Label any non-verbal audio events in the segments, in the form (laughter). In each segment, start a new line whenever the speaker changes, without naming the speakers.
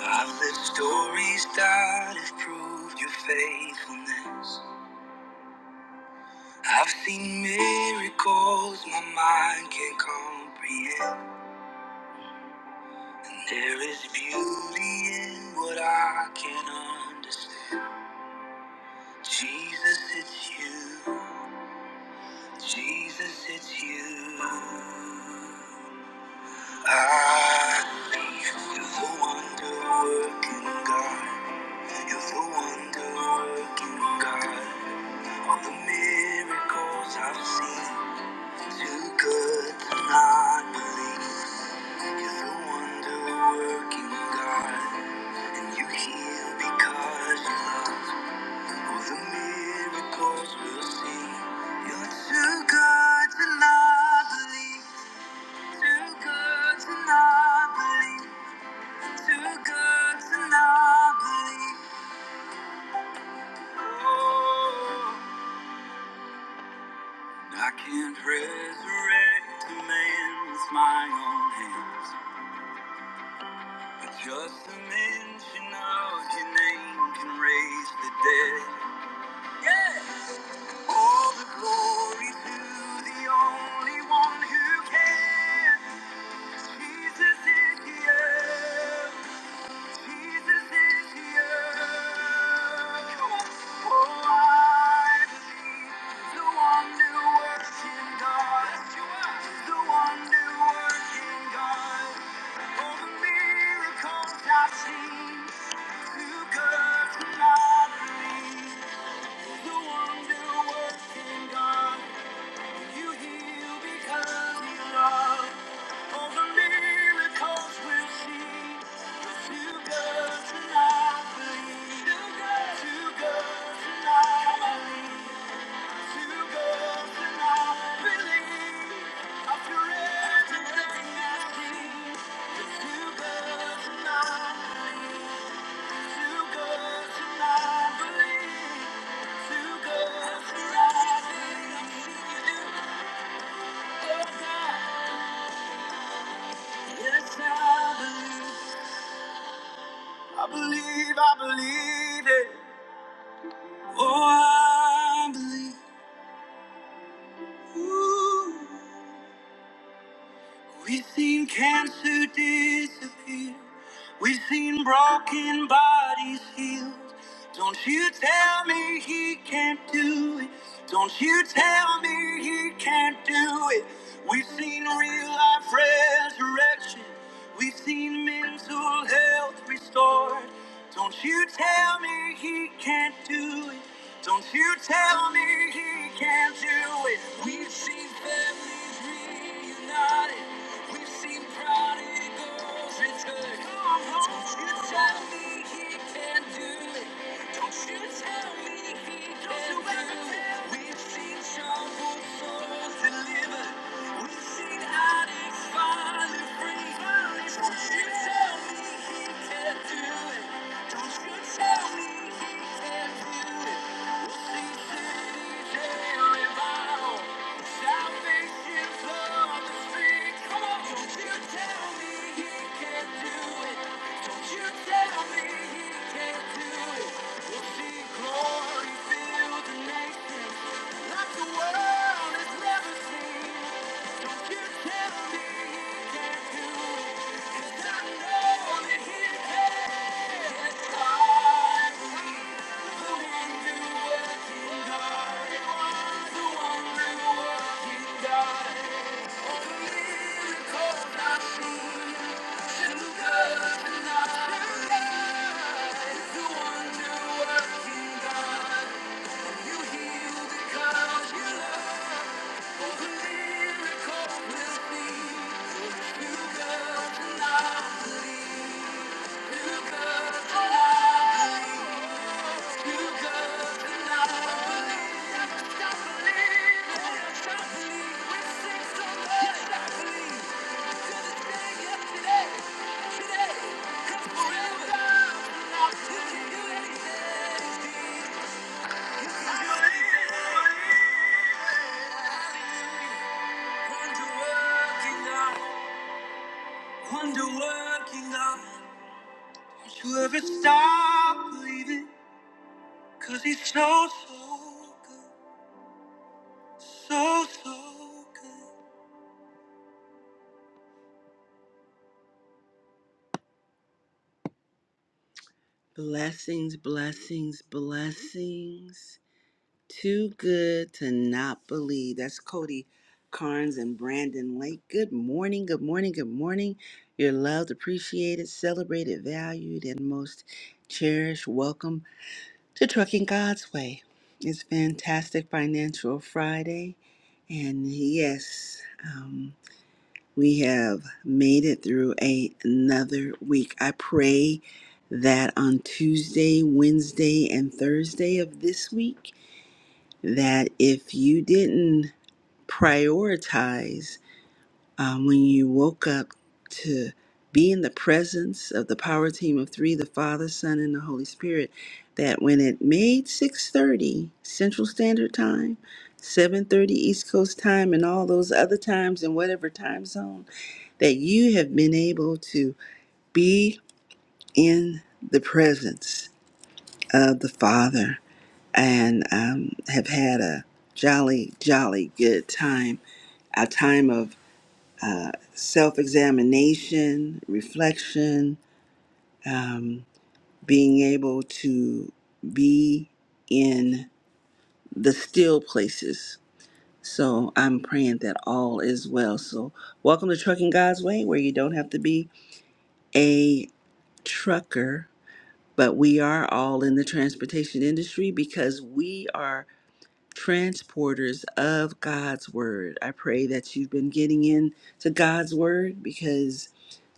I've lived stories that have proved your faithfulness. I've seen miracles my mind can't comprehend. And there is beauty in what I can't understand. Jesus, it's you. Jesus, it's you. I believe you're the wonder working God. You're the wonder working God. All the miracles I've seen, too good to not believe. You're the wonder working God, and you heal because you love. All the miracles we'll see, you're too good to not believe. Too good to not believe. Too good to not believe. Oh. I can't resurrect a man with my own hands, but just the mention of your name can raise the dead. Yeah. All the glory to the only one who can, Jesus is here. Jesus is here. Oh, I believe the wonder working God. The wonder working God. All the miracles I've seen. Too good not believe. The wonder working God. You heal because you love. All the miracles we'll see. you too good to not believe. Too good, to not believe. Too good to not believe. After everything I see, you too good to not believe. Too good to not believe. Too good to not believe. Yes, I believe. I believe, I believe it. Oh, I believe. Ooh. We've seen cancer disappear. We've seen broken bodies healed. Don't you tell me he can't do it. Don't you tell me he can't do it. We've seen real life resurrection. We've seen mental health restored. Don't you tell me he can't do it. Don't you tell me he can't do it. We've seen families reunited. We've seen prodigals return. Salvation from the street. Come on, don't you tell me he can't do it. Don't you tell me he can't do it. We'll see glory fill the nation like the world has never seen. Don't you tell me he can't do it. 'Cause I know that he can. God is the one who God. the one who works in God. miracles I see. Too good to not believe. Wonder working God, won't you ever stop believing? 'Cause he's so, so good, so, so good. Blessings, blessings, blessings. Too good to not believe. That's Cody Carnes and Brandon Lake. Good morning, good morning, good morning. You're loved, appreciated, celebrated, valued, and most cherished. Welcome to Trucking God's Way. It's fantastic Financial Friday. And yes, um, we have made it through a- another week. I pray that on Tuesday, Wednesday, and Thursday of this week, that if you didn't prioritize um, when you woke up to be in the presence of the power team of three the father son and the holy spirit that when it made 6.30 central standard time 7.30 east coast time and all those other times in whatever time zone that you have been able to be in the presence of the father and um, have had a jolly jolly good time time of able to be in the still places. So I'm praying that all is well. So welcome to Trucking God's Way, where you don't have to be a trucker, but we are all in the transportation industry because we are transporters of God's word. I pray that you've been getting in to God's word because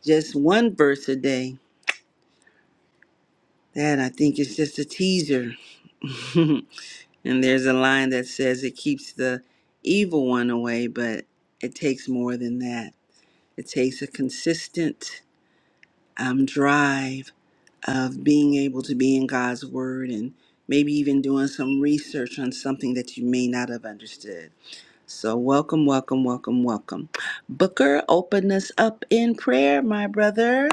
just one verse a day, that I think is just a teaser (laughs) And there's a line that says it keeps the evil one away, but it takes more than that. It takes a consistent um, drive of being able to be in God's Word and maybe even doing some research on something that you may not have understood. So, welcome, welcome, welcome, welcome. Booker, open us up in prayer, my brother.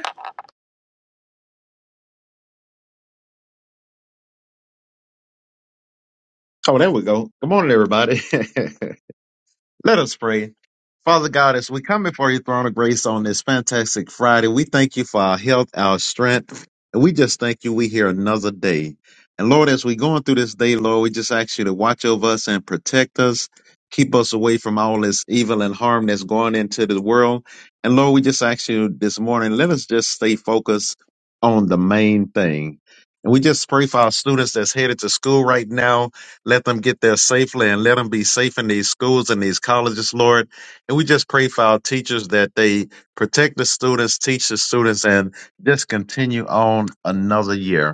Oh, there we go. Good morning, everybody. (laughs) Let us pray. Father God, as we come before your throne of grace on this fantastic Friday, we thank you for our health, our strength, and we just thank you we hear another day. And Lord, as we going through this day, Lord, we just ask you to watch over us and protect us, keep us away from all this evil and harm that's going into the world. And Lord, we just ask you this morning, let us just stay focused on the main thing. And we just pray for our students that's headed to school right now. Let them get there safely and let them be safe in these schools and these colleges, Lord. And we just pray for our teachers that they protect the students, teach the students, and just continue on another year.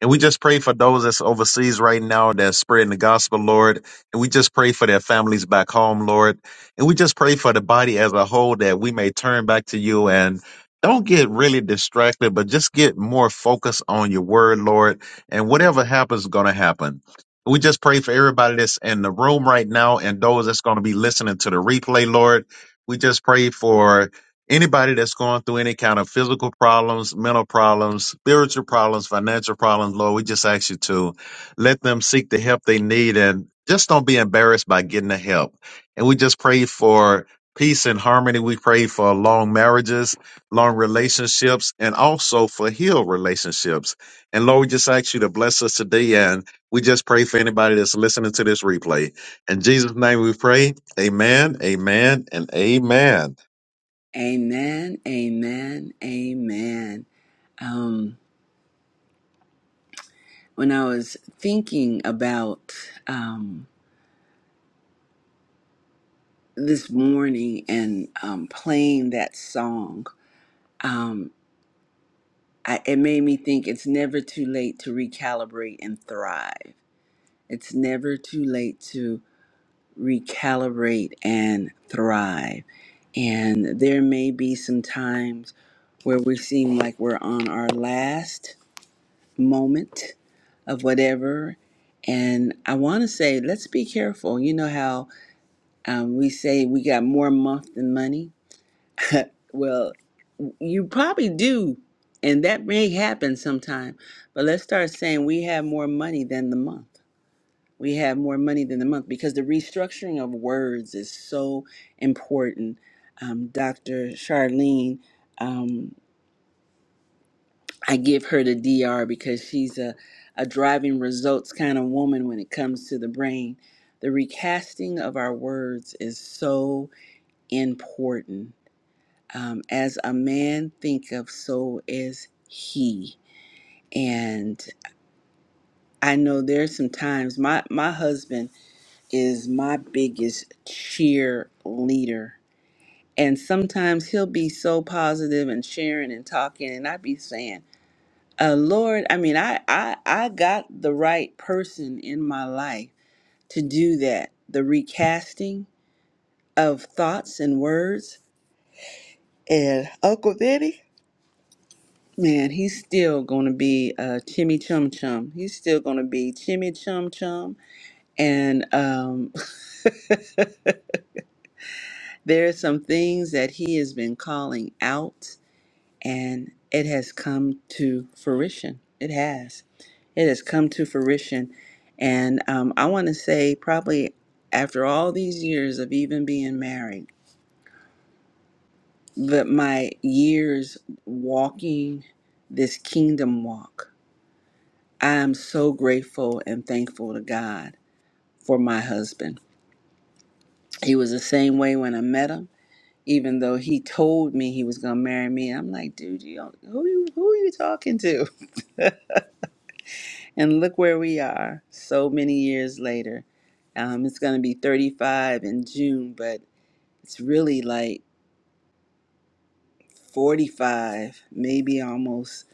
And we just pray for those that's overseas right now that's spreading the gospel, Lord. And we just pray for their families back home, Lord. And we just pray for the body as a whole that we may turn back to you and don't get really distracted, but just get more focused on your word, Lord. And whatever happens is going to happen. We just pray for everybody that's in the room right now and those that's going to be listening to the replay, Lord. We just pray for Anybody that's going through any kind of physical problems, mental problems, spiritual problems, financial problems, Lord, we just ask you to let them seek the help they need and just don't be embarrassed by getting the help. And we just pray for peace and harmony. We pray for long marriages, long relationships, and also for healed relationships. And Lord, we just ask you to bless us today. And we just pray for anybody that's listening to this replay. In Jesus' name we pray. Amen, amen, and amen.
Amen, amen, amen. Um, when I was thinking about. Um, this morning and um, playing that song, um, I, it made me think it's never too late to recalibrate and thrive. It's never too late to recalibrate and thrive. And there may be some times where we seem like we're on our last moment of whatever. And I want to say, let's be careful. You know how um, we say we got more month than money? Well. you probably do and that may happen sometime but let's start saying we have more money than the month we have more money than the month because the restructuring of words is so important um, dr charlene um, i give her the D.R. because she's a, a driving results kind of woman when it comes to the brain the recasting of our words is so important um, as a man thinketh so is he and I know there's some times my my husband is my biggest cheerleader, and sometimes he'll be so positive and sharing and talking, and I would be saying, uh, "Lord, I mean, I I I got the right person in my life to do that, the recasting of thoughts and words." And Uncle Vinny, man, he's still gonna be uh, Chimmy Chum Chum. He's still gonna be Chimmy Chum Chum and um (laughs) (laughs) There are some things that he has been calling out, and it has come to fruition. It has. It has come to fruition. And um, I want to say, probably after all these years of even being married, that my years walking this kingdom walk, I am so grateful and thankful to God for my husband. He was the same way when I met him. even though he told me he was gonna marry me. I'm like, dude, you don't, who you who are you talking to? (laughs) And look where we are, so many years later. Um, it's gonna be 35 in June, but it's really like 45, maybe almost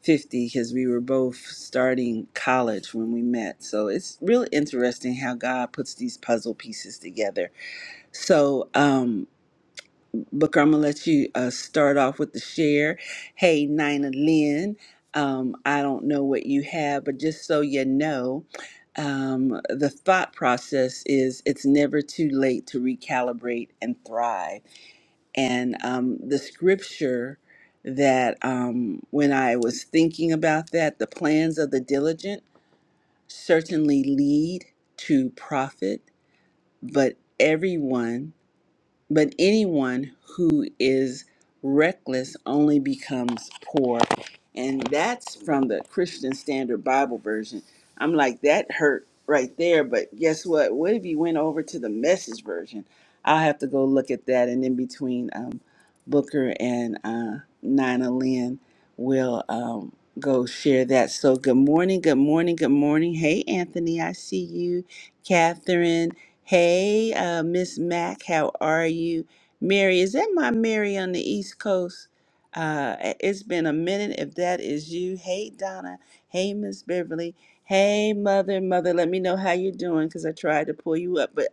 50, because we were both starting college when we met. So it's really interesting how God puts these puzzle pieces together. So, um, Booker, I'm gonna let you uh, start off with the share. Hey, Nina Lynn, um, I don't know what you have, but just so you know, um, the thought process is it's never too late to recalibrate and thrive. And um, the scripture that um, when I was thinking about that, the plans of the diligent certainly lead to profit, but everyone but anyone who is reckless only becomes poor. And that's from the Christian Standard Bible version. I'm like, that hurt right there. But guess what? What if you went over to the message version? I'll have to go look at that. And in between um, Booker and uh, Nina Lynn will um, go share that. So good morning, good morning, good morning. Hey, Anthony, I see you. Catherine. Hey, uh, Miss Mac, how are you? Mary, is that my Mary on the East Coast? Uh, it's been a minute if that is you. Hey, Donna. Hey, Miss Beverly. Hey, Mother, Mother, let me know how you're doing because I tried to pull you up, but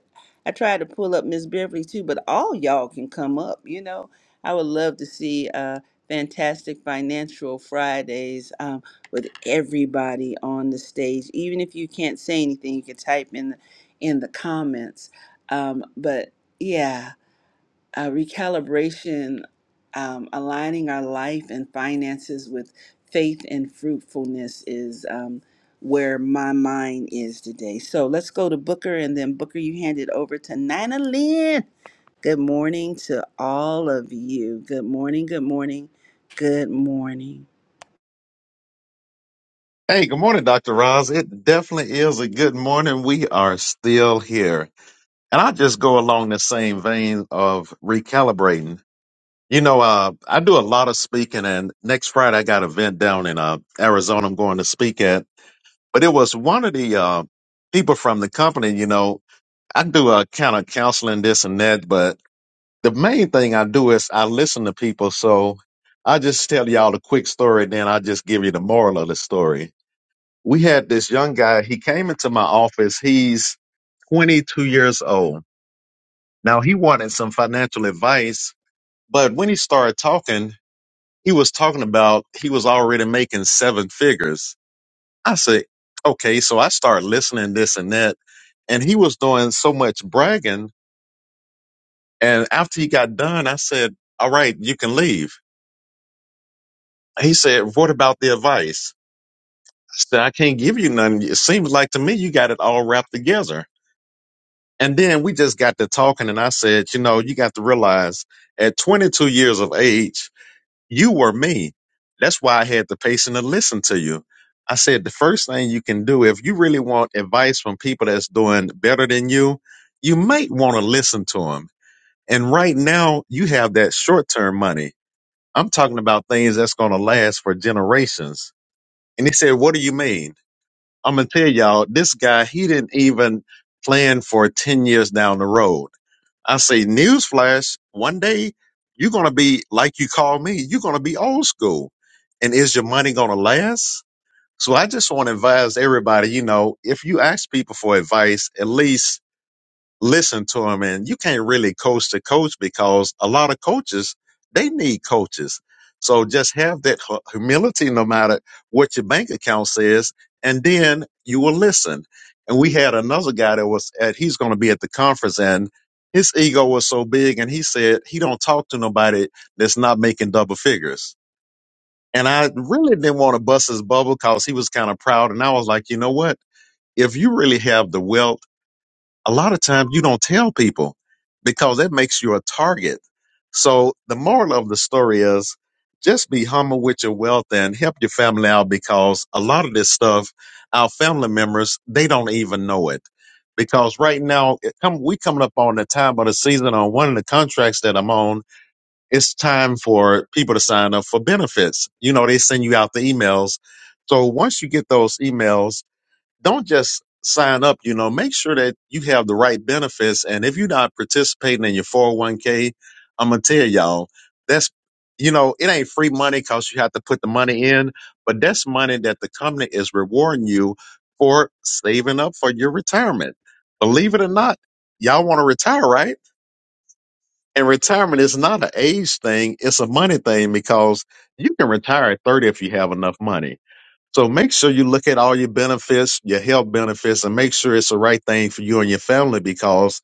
I tried to pull up Miss Beverly too, but all y'all can come up, you know. I would love to see uh, fantastic financial Fridays um, with everybody on the stage. Even if you can't say anything, you can type in the in the comments. Um, but yeah, uh, recalibration, um, aligning our life and finances with faith and fruitfulness is um, where my mind is today. So let's go to Booker, and then Booker, you hand it over to Nina Lynn. Good morning to all of you. Good morning. Good morning. Good morning.
Hey, good morning, Dr. Roz. It definitely is a good morning. We are still here. And I just go along the same vein of recalibrating. You know, uh, I do a lot of speaking, and next Friday I got an event down in uh, Arizona I'm going to speak at. But it was one of the uh, people from the company, you know, I do a kind of counseling, this and that. But the main thing I do is I listen to people. So I just tell y'all a quick story, then I just give you the moral of the story we had this young guy. He came into my office. He's 22 years old. Now he wanted some financial advice, but when he started talking, he was talking about he was already making seven figures. I said, okay. So I started listening this and that. And he was doing so much bragging. And after he got done, I said, all right, you can leave. He said, what about the advice? I said, I can't give you none. It seems like to me you got it all wrapped together. And then we just got to talking, and I said, you know, you got to realize at 22 years of age, you were me. That's why I had the patience to listen to you. I said, the first thing you can do, if you really want advice from people that's doing better than you, you might want to listen to them. And right now, you have that short term money. I'm talking about things that's going to last for generations. And he said, what do you mean? I'm going to tell y'all, this guy, he didn't even plan for 10 years down the road I say, newsflash, one day you're going to be, like you call me, you're going to be old school. And is your money going to last? So I just want to advise everybody, you know, if you ask people for advice, at least listen to him and you can't really coach the coach because a lot of coaches they need coaches so just have that hu- humility no matter what your bank account says and then you will listen and we had another guy that was at he's going to be at the conference and his ego was so big and he said he don't talk to nobody that's not making double figures and i really didn't want to bust his bubble because he was kind of proud and i was like you know what if you really have the wealth a lot of times you don't tell people because that makes you a target. So the moral of the story is just be humble with your wealth and help your family out because a lot of this stuff, our family members, they don't even know it. Because right now, it come, we coming up on the time of the season on one of the contracts that I'm on. It's time for people to sign up for benefits. You know, they send you out the emails. So once you get those emails, don't just sign up, you know, make sure that you have the right benefits. And if you're not participating in your 401k, I'm going to tell y'all that's, you know, it ain't free money because you have to put the money in, but that's money that the company is rewarding you for saving up for your retirement. Believe it or not, y'all want to retire, right? And retirement is not an age thing. It's a money thing because you can retire at 30 if you have enough money so make sure you look at all your benefits, your health benefits, and make sure it's the right thing for you and your family because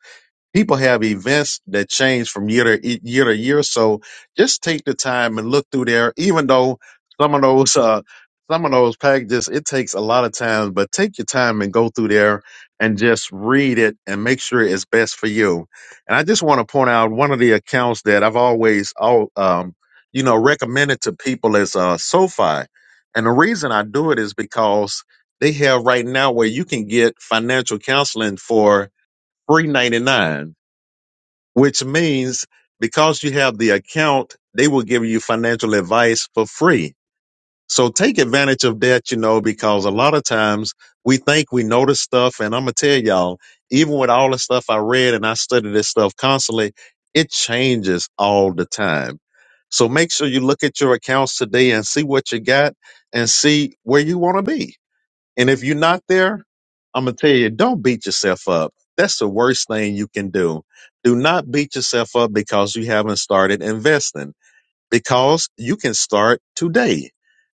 people have events that change from year to e- year to year. So just take the time and look through there. Even though some of those uh, some of those packages it takes a lot of time, but take your time and go through there and just read it and make sure it's best for you. And I just want to point out one of the accounts that I've always all um, you know recommended to people is uh, SoFi. And the reason I do it is because they have right now where you can get financial counseling for three ninety nine which means because you have the account, they will give you financial advice for free. So take advantage of that, you know, because a lot of times we think we know this stuff. And I'm going to tell y'all, even with all the stuff I read and I study this stuff constantly, it changes all the time. So make sure you look at your accounts today and see what you got and see where you want to be. And if you're not there, I'm going to tell you, don't beat yourself up. That's the worst thing you can do. Do not beat yourself up because you haven't started investing because you can start today.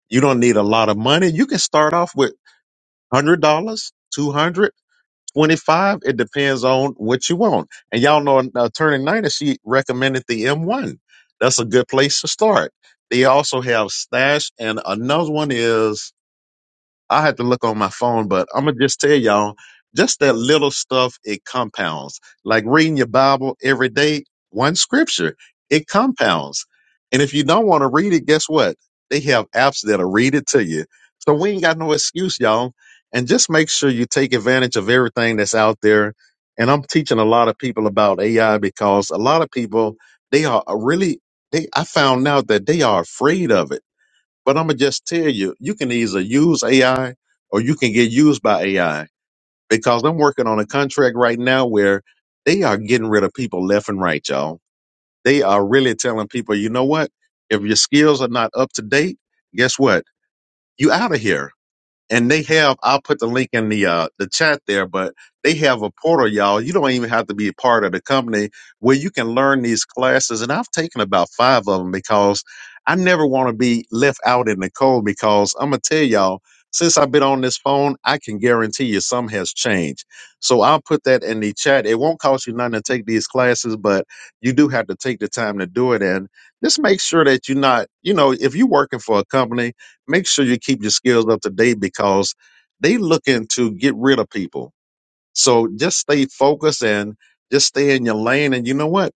You don't need a lot of money. You can start off with $100, 200, 25. dollars. It depends on what you want. And y'all know uh, attorney Nina, she recommended the M1. That's a good place to start. They also have stash and another one is I had to look on my phone, but I'm gonna just tell y'all, just that little stuff it compounds. Like reading your Bible every day, one scripture, it compounds. And if you don't want to read it, guess what? They have apps that'll read it to you. So we ain't got no excuse, y'all. And just make sure you take advantage of everything that's out there. And I'm teaching a lot of people about AI because a lot of people they are really they I found out that they are afraid of it but I'm gonna just tell you, you can either use AI or you can get used by AI because I'm working on a contract right now where they are getting rid of people left and right, y'all. They are really telling people, you know what? If your skills are not up to date, guess what? You out of here and they have i'll put the link in the uh the chat there but they have a portal y'all you don't even have to be a part of the company where you can learn these classes and i've taken about five of them because i never want to be left out in the cold because i'm gonna tell y'all since i've been on this phone i can guarantee you some has changed so i'll put that in the chat it won't cost you nothing to take these classes but you do have to take the time to do it and just make sure that you're not you know if you're working for a company make sure you keep your skills up to date because they looking to get rid of people. So just stay focused and just stay in your lane. And you know what?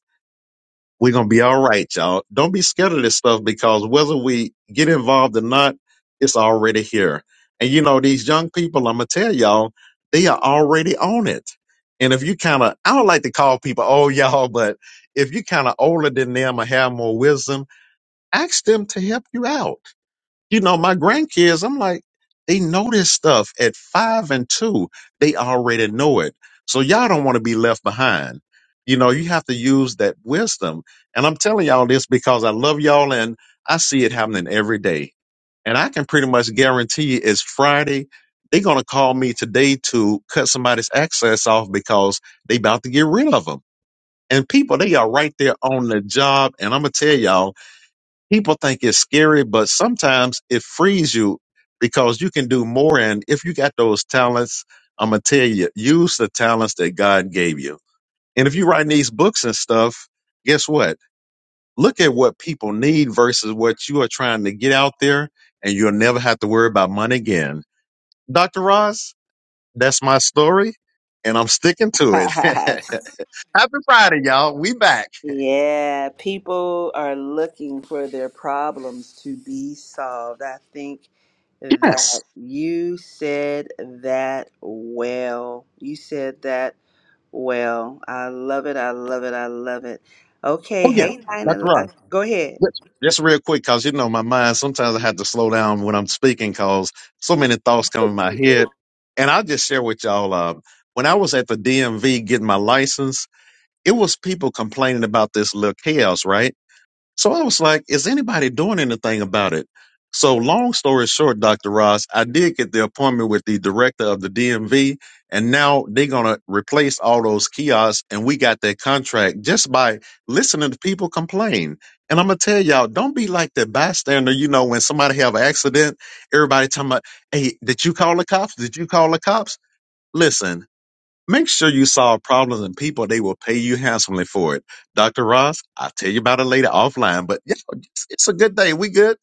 We're gonna be all right, y'all. Don't be scared of this stuff because whether we get involved or not, it's already here. And you know, these young people, I'm gonna tell y'all, they are already on it. And if you kind of, I don't like to call people old (laughs) y'all, but if you kind of older than them or have more wisdom, ask them to help you out you know, my grandkids, I'm like, they know this stuff at five and two. They already know it. So y'all don't want to be left behind. You know, you have to use that wisdom. And I'm telling y'all this because I love y'all and I see it happening every day. And I can pretty much guarantee you it's Friday. They're going to call me today to cut somebody's access off because they about to get rid of them. And people, they are right there on the job. And I'm going to tell y'all, people think it's scary, but sometimes it frees you because you can do more. And if you got those talents, I'm gonna tell you, use the talents that God gave you. And if you are writing these books and stuff, guess what? Look at what people need versus what you are trying to get out there, and you'll never have to worry about money again. Dr. Ross, that's my story, and I'm sticking to it.
(laughs)
(laughs) Happy Friday, y'all. We back.
Yeah, people are looking for their problems to be solved. I think that
Yes.
you said that well. You said that well. I love it. I love it. I love it. Okay,
Oh yeah.
hey
Dr.
Nina,
Ross.
uh, go ahead.
Just just real quick, cause you know my mind. Sometimes I have to slow down when I'm speaking, cause so many thoughts come in my head. And I'll just share with y'all. Uh, when I was at the DMV getting my license, it was people complaining about this little chaos, right? So I was like, is anybody doing anything about it? So long story short, Dr. Ross, I did get the appointment with the director of the DMV, and now they're gonna replace all those kiosks, and we got that contract just by listening to people complain. And I'm gonna tell y'all, don't be like that bystander. You know, when somebody have an accident, everybody talking about, "Hey, did you call the cops? Did you call the cops?" Listen, Make sure you solve problems and people, they will pay you handsomely for it. Dr. Ross, I'll tell you about it later offline, but yeah, it's, it's a good day. We good?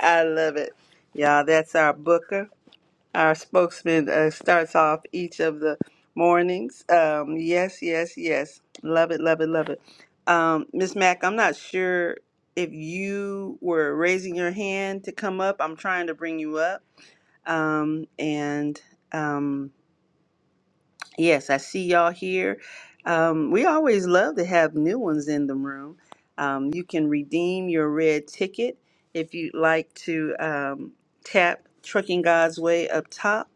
I love it. Y'all, that's our booker. Our spokesman uh, starts off each of the mornings. Um, yes, yes, yes. Love it, love it, love it. Um, Miss Mack, I'm not sure if you were raising your hand to come up. I'm trying to bring you up. Um, and um, yes, I see y'all here. Um, we always love to have new ones in the room. Um, you can redeem your red ticket if you'd like to um, tap Trucking God's Way up top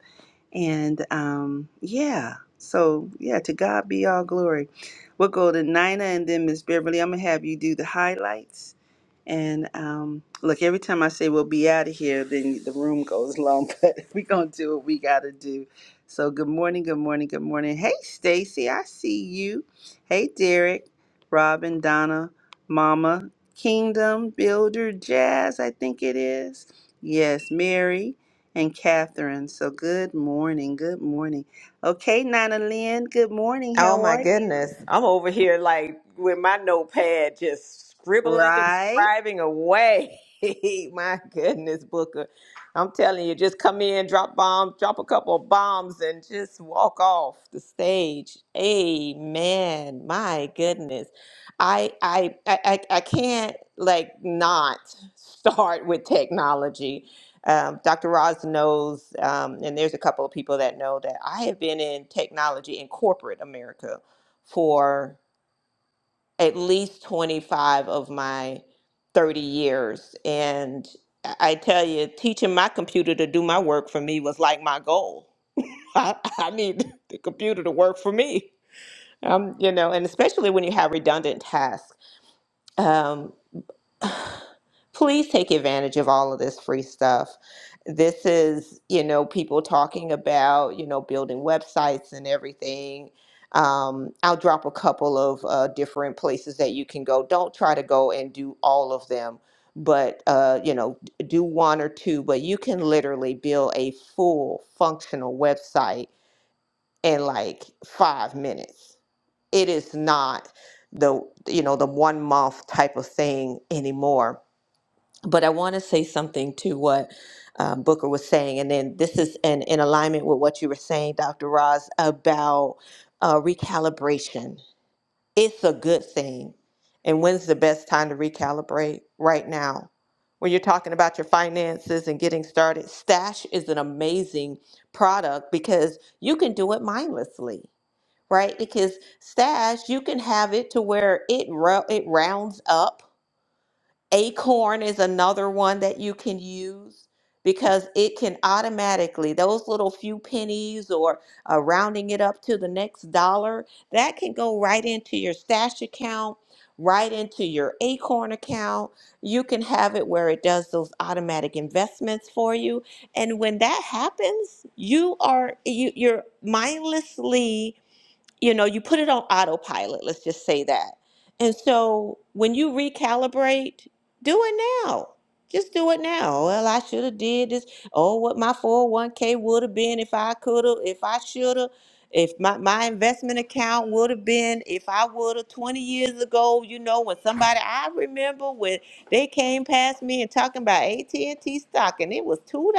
and um, yeah, so yeah, to God be all glory. We'll go to Nina and then Miss Beverly. I'm gonna have you do the highlights. And um, look, every time I say we'll be out of here, then the room goes long, (laughs) but we're going to do what we got to do. So, good morning, good morning, good morning. Hey, Stacy, I see you. Hey, Derek, Robin, Donna, Mama, Kingdom, Builder, Jazz, I think it is. Yes, Mary and Catherine. So, good morning, good morning. Okay, Nana Lynn, good morning.
Oh
How
my
are you?
goodness. I'm over here like with my notepad just scribbling and
Right?
scribing away. (laughs) my goodness, Booker. I'm telling you, just come in, drop bombs, drop a couple of bombs, and just walk off the stage. Amen. My goodness. I I I I I can't like not (laughs) start with technology. Um, Dr. Roz knows, um, and there's a couple of people that know that I have been in technology in corporate America for at least 25 of my 30 years. And I I tell you, teaching my computer to do my work for me was like my goal. (laughs) I, I need the computer to work for me, um, you know, and especially when you have redundant tasks. Um, (sighs) please take advantage of all of this free stuff. This is, you know, people talking about, you know, building websites and everything. Um, I'll drop a couple of uh, different places that you can go. Don't try to go and do all of them, but, uh, you know, d- do one or two, but you can literally build a full functional website in like five minutes. It is not the, you know, the one month type of thing anymore but I want to say something to what um, Booker was saying, and then this is in, in alignment with what you were saying, Dr. Roz, about uh, recalibration. It's a good thing. And when's the best time to recalibrate? Right now. When you're talking about your finances and getting started, Stash is an amazing product because you can do it mindlessly, right? Because Stash, you can have it to where it, ro- it rounds up Acorn is another one that you can use because it can automatically, those little few pennies or uh, rounding it up to the next dollar, that can go right into your stash account, right into your Acorn account. You can have it where it does those automatic investments for you. And when that happens, you are you, you're mindlessly you know, you put it on autopilot, let's just say that. And so when you recalibrate, do it now. Just do it now. Well, I should have did this. Oh, what my 401k would have been if I could have, if I should have, if my, my investment account would have been, if I would have 20 years ago, you know, when somebody, I remember when they came past me and talking about AT&T stock and it was $2.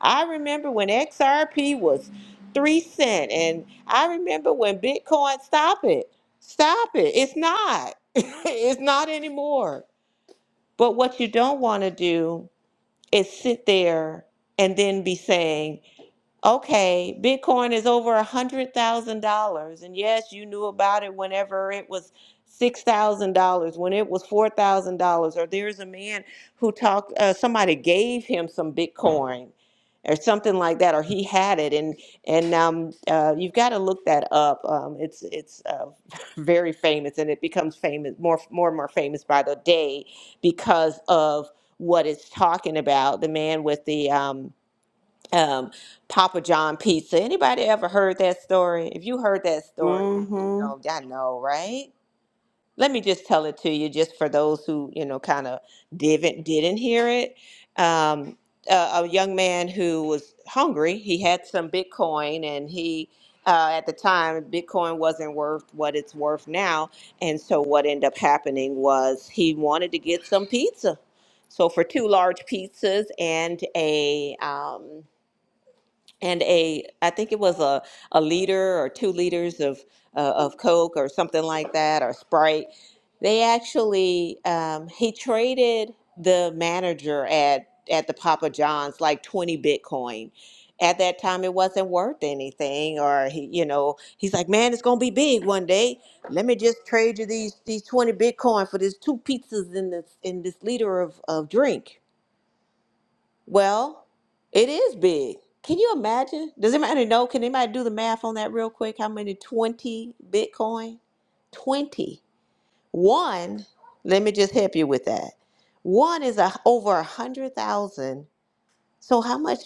I remember when XRP was three cent and. I remember when Bitcoin, stop it. Stop it. It's not. (laughs) it's not anymore. But what you don't want to do is sit there and then be saying, Okay, Bitcoin is over a hundred thousand dollars, and yes, you knew about it whenever it was six thousand dollars, when it was four thousand dollars, or there's a man who talked. Uh, somebody gave him some Bitcoin, or something like that, or he had it, and and um, uh, you've got to look that up. Um, it's it's uh, (laughs) very famous, and it becomes famous more more and more famous by the day because of what it's talking about. The man with the um um, Papa John pizza. Anybody ever heard that story? If you heard that story,
Mm
you
hmm.
know, I know, right? Let me just tell it to you, just for those who you know kind of didn't didn't hear it. Um, a, a young man who was hungry. He had some Bitcoin, and he uh, at the time Bitcoin wasn't worth what it's worth now. And so what ended up happening was he wanted to get some pizza. So for two large pizzas and a um, and a I think it was a a liter or two liters of uh, of Coke or something like that or Sprite. They actually um, he traded the manager at at the Papa John's like twenty Bitcoin. At that time, it wasn't worth anything, or he, you know, he's like, "Man, it's gonna be big one day. Let me just trade you these these twenty Bitcoin for these two pizzas and this in this liter of of drink." Well, it is big. Can you imagine? Does anybody know? Can anybody do the math on that real quick? How many 20 Bitcoin? 20. One, let me just help you with that. One is a, over a 100,000. So how much?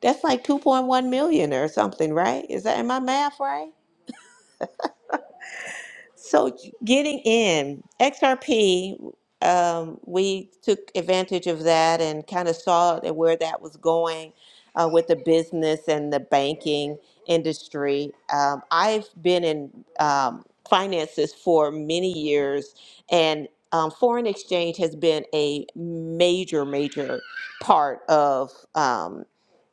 That's like 2.1 million or something, right? Is that in my math right? So getting in XRP, um, we took advantage of that and kind of saw that where that was going uh, with the business and the banking industry. Um, I've been in um, finances for many years, and um, foreign exchange has been a major, major part of. um,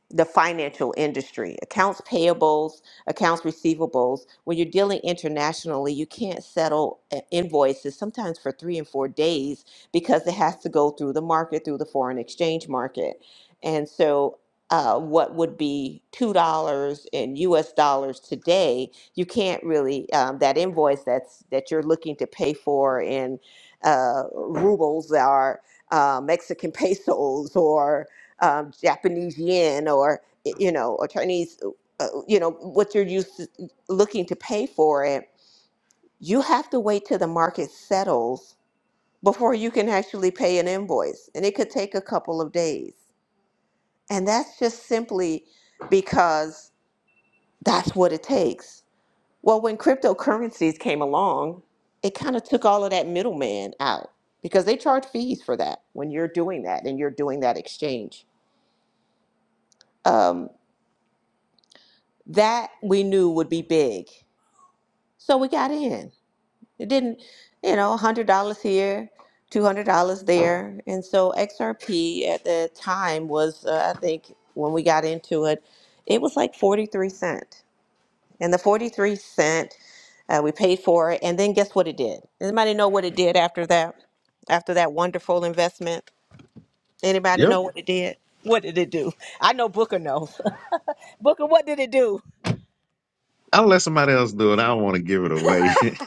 the financial industry, accounts payables, accounts receivables. When you're dealing internationally, you can't settle uh, invoices sometimes for three and four days because it has to go through the market, through the foreign exchange market. And so, uh, what would be two dollars in U.S. dollars today? You can't really um, that invoice that's that you're looking to pay for in uh, rubles or uh, Mexican (laughs) pesos or um, Japanese yen or y- you know or Chinese uh, uh, you know what you're used to looking to pay for it you have to wait till the market settles before you can actually pay an invoice and it could take a couple of days and that's just simply because that's what it takes well when cryptocurrencies came along it kind of took all of that middleman out because they charge fees for that when you're doing that and you're doing that exchange Um, That we knew would be big. So we got in. It didn't, you know, $100 here, $200 there. And so XRP at the time was, uh, I think, when we got into it, it was like 43 cent. And the 43 cent, uh, we paid for it. And then guess what it did? Anybody know what it did after that? After that wonderful investment? Anybody
Yep.
know what it did? What did it do? I know Booker knows. (laughs) Booker, what did it do?
I'll let somebody else do it. I don't want to give it away. (laughs)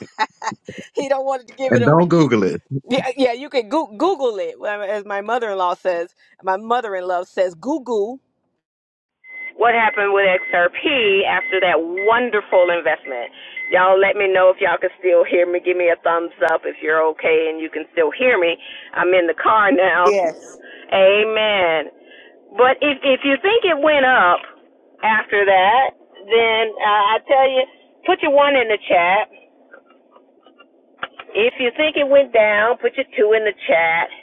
He don't want to give it
and
away.
don't Google it.
Yeah, yeah, you can goo Google it, Well, as my mother-in-law says. My mother-in-law says Google. What happened with XRP after that wonderful investment? Y'all let me know if y'all can still hear me. Give me a thumbs up if you're okay and you can still hear me. I'm in the car now. Amen. But if if you think it went up after that, then uh, I tell you, put your one in the chat. If you think it went down, put your two in the chat.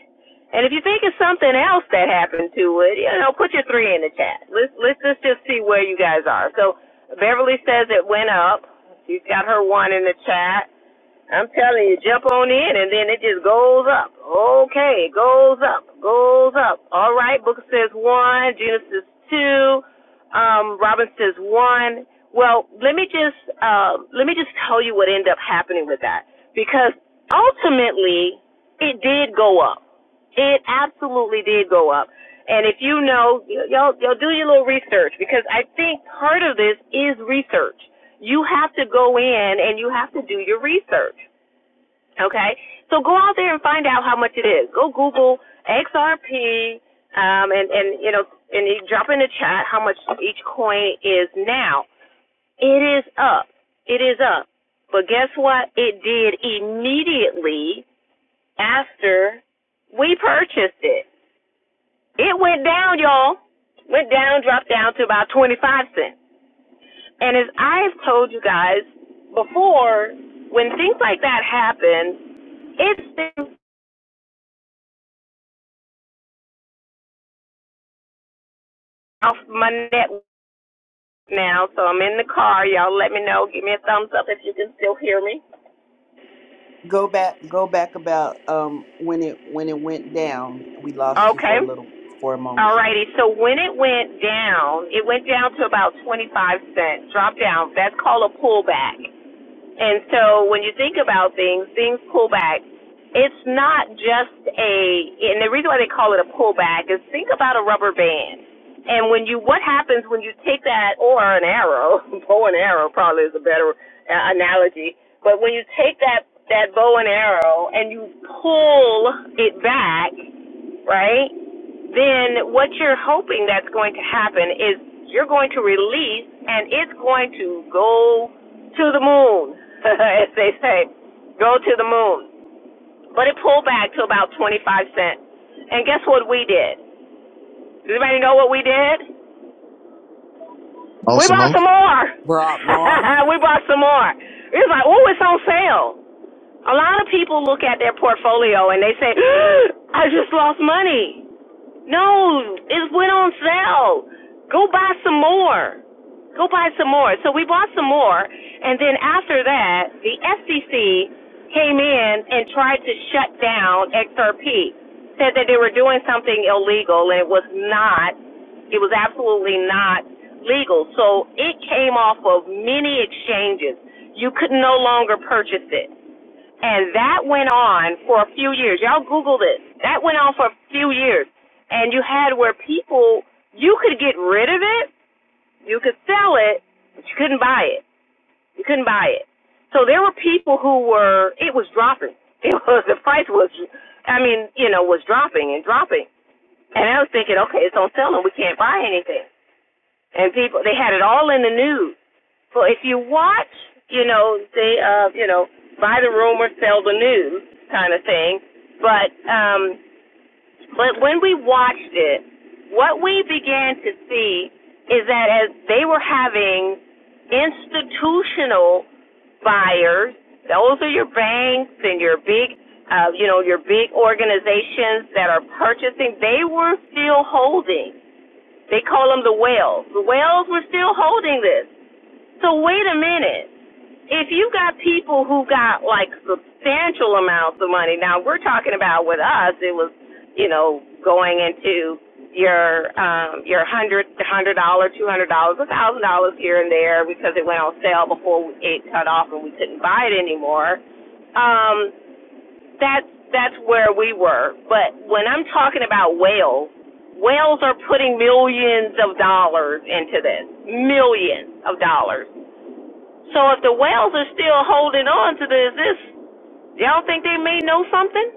And if you think of something else that happened to it, you know, put your three in the chat. Let's let's just just see where you guys are. So Beverly says it went up. She's got her one in the chat. I'm telling you, jump on in and then it just goes up. Okay, goes up, goes up. All right, Booker says one, Gina says two, um, Robin says one. Well, let me just uh, let me just tell you what ended up happening with that because ultimately it did go up. It absolutely did go up. And if you know, y'all, y'all do your little research because I think part of this is research. You have to go in and you have to do your research. Okay? So go out there and find out how much it is. Go Google XRP, um, and, and, you know, and you drop in the chat how much each coin is now. It is up. It is up. But guess what? It did immediately after we purchased it. It went down, y'all. Went down, dropped down to about 25 cents. And as I've told you guys before, when things like that happen, it's been off my network now, so I'm in the car. Y'all let me know. Give me a thumbs up if you can still hear me.
Go back, go back about um when it when it went down. We lost you
Okay.
for a little for a moment.
All righty. So when it went down, it went down to about 25 cents, dropped down. That's called a pullback. And so when you think about things, things pull back. It's not just a, and the reason why they call it a pullback is think about a rubber band. And when you, what happens when you take that, or an arrow, (laughs) bow and arrow probably is a better uh, analogy, but when you take that, that bow and arrow and you pull it back, right? then what you're hoping that's going to happen is you're going to release and it's going to go to the moon, (laughs) as they say, go to the moon. But it pulled back to about 25 cents. And guess what we did? Does anybody know what we did? We
Awesome.
bought some
Oh,
more.
brought more.
(laughs) we bought some more. It was like, oh, it's on sale. A lot of people look at their portfolio and they say, (gasps) I just lost money. No, it went on sale. Go buy some more. Go buy some more. So we bought some more, and then after that, the FCC came in and tried to shut down XRP. Said that they were doing something illegal, and it was not. It was absolutely not legal. So it came off of many exchanges. You could no longer purchase it. And that went on for a few years. Y'all Google this. That went on for a few years. And you had where people, you could get rid of it, you could sell it, but you couldn't buy it. You couldn't buy it. So there were people who were, it was dropping. (laughs) It was, the price was, I mean, you know, was dropping and dropping. And I was thinking, okay, it's on selling. We can't buy anything. And people, they had it all in the news. So if you watch, you know, they, uh, you know, buy the rumor, sell the news kind of thing. But, um, but when we watched it, what we began to see is that as they were having institutional buyers, those are your banks and your big, uh, you know, your big organizations that are purchasing, they were still holding. They call them the whales. The whales were still holding this. So wait a minute if you got people who got like substantial amounts of money, now we're talking about with us, it was, you know, going into your um your hundred hundred dollar, two hundred dollars, a thousand dollars here and there because it went on sale before it cut off and we couldn't buy it anymore. Um, that's that's where we were. But when I'm talking about whales, whales are putting millions of dollars into this. Millions of dollars so if the whales are still holding on to this, this y'all think they may know something?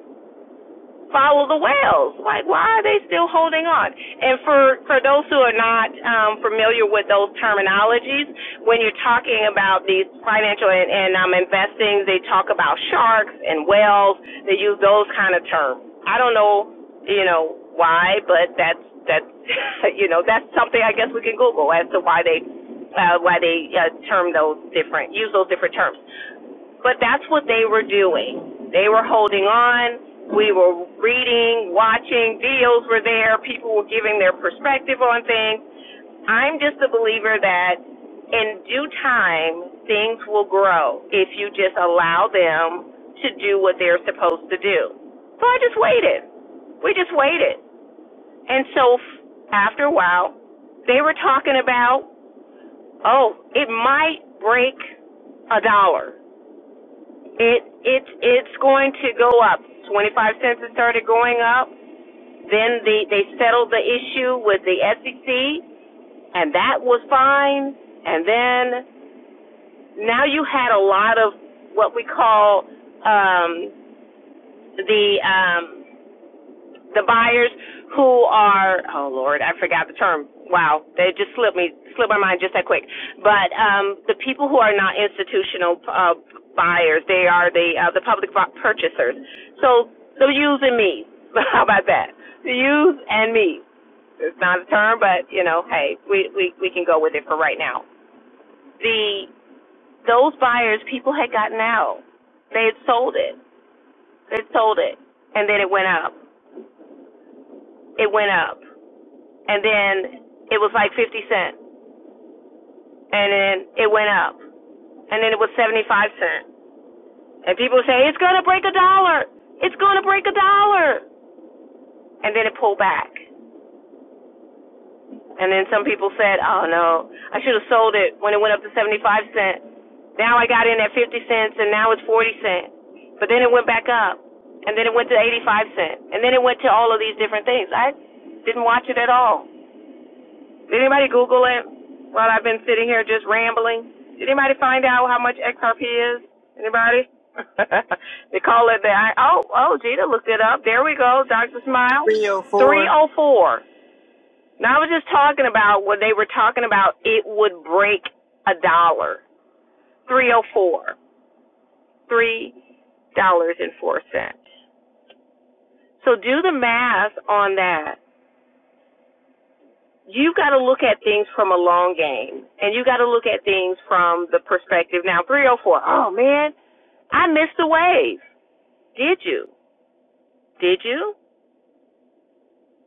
follow the whales. Like, why are they still holding on? And for for those who are not um, familiar with those terminologies, when you're talking about these financial and, and um, investing, they talk about sharks and whales. They use those kind of terms. I don't know, you know, why, but that's that's (laughs) you know that's something I guess we can Google as to why they uh, why they uh, term those different use those different terms but that's what they were doing. They were holding on. We were reading, watching. videos. were there. People were giving their perspective on things. I'm just a believer that in due time, things will grow if you just allow them to do what they're supposed to do. So I just waited. We just waited. And so after a while, they were talking about, oh, it might break a dollar. It it it's going to go up. Twenty five cents it started going up. Then the they settled the issue with the SEC, and that was fine. And then now you had a lot of what we call um, the um, the buyers who are oh lord i forgot the term wow they just slipped me slipped my mind just that quick but um the people who are not institutional uh buyers they are the uh, the public purchasers so the yous and me (laughs) how about that the yous and me it's not a term but you know hey we we we can go with it for right now the those buyers people had gotten out they had sold it they had sold it and then it went up it went up and then it was like 50 cent, and then it went up, and then it was 75 cent, and people say it's gonna break a dollar, it's gonna break a dollar, and then it pulled back, and then some people said, oh no, I should have sold it when it went up to 75 cent. Now I got in at 50 cents, and now it's 40 cent, but then it went back up, and then it went to 85 cent, and then it went to all of these different things. I didn't watch it at all. Did anybody Google it while I've been sitting here just rambling? Did anybody find out how much XRP is? Anybody? (laughs) they call it the I- oh oh Gita looked it up. There we go, Doctor Smile. Three oh four. Now I was just talking about what they were talking about. It would break a dollar. Three oh four. Three dollars and four cents. So do the math on that. you got to look at things from a long game, and you got to look at things from the perspective. Now, 304, oh four, oh, man, I missed the wave. Did you? Did you?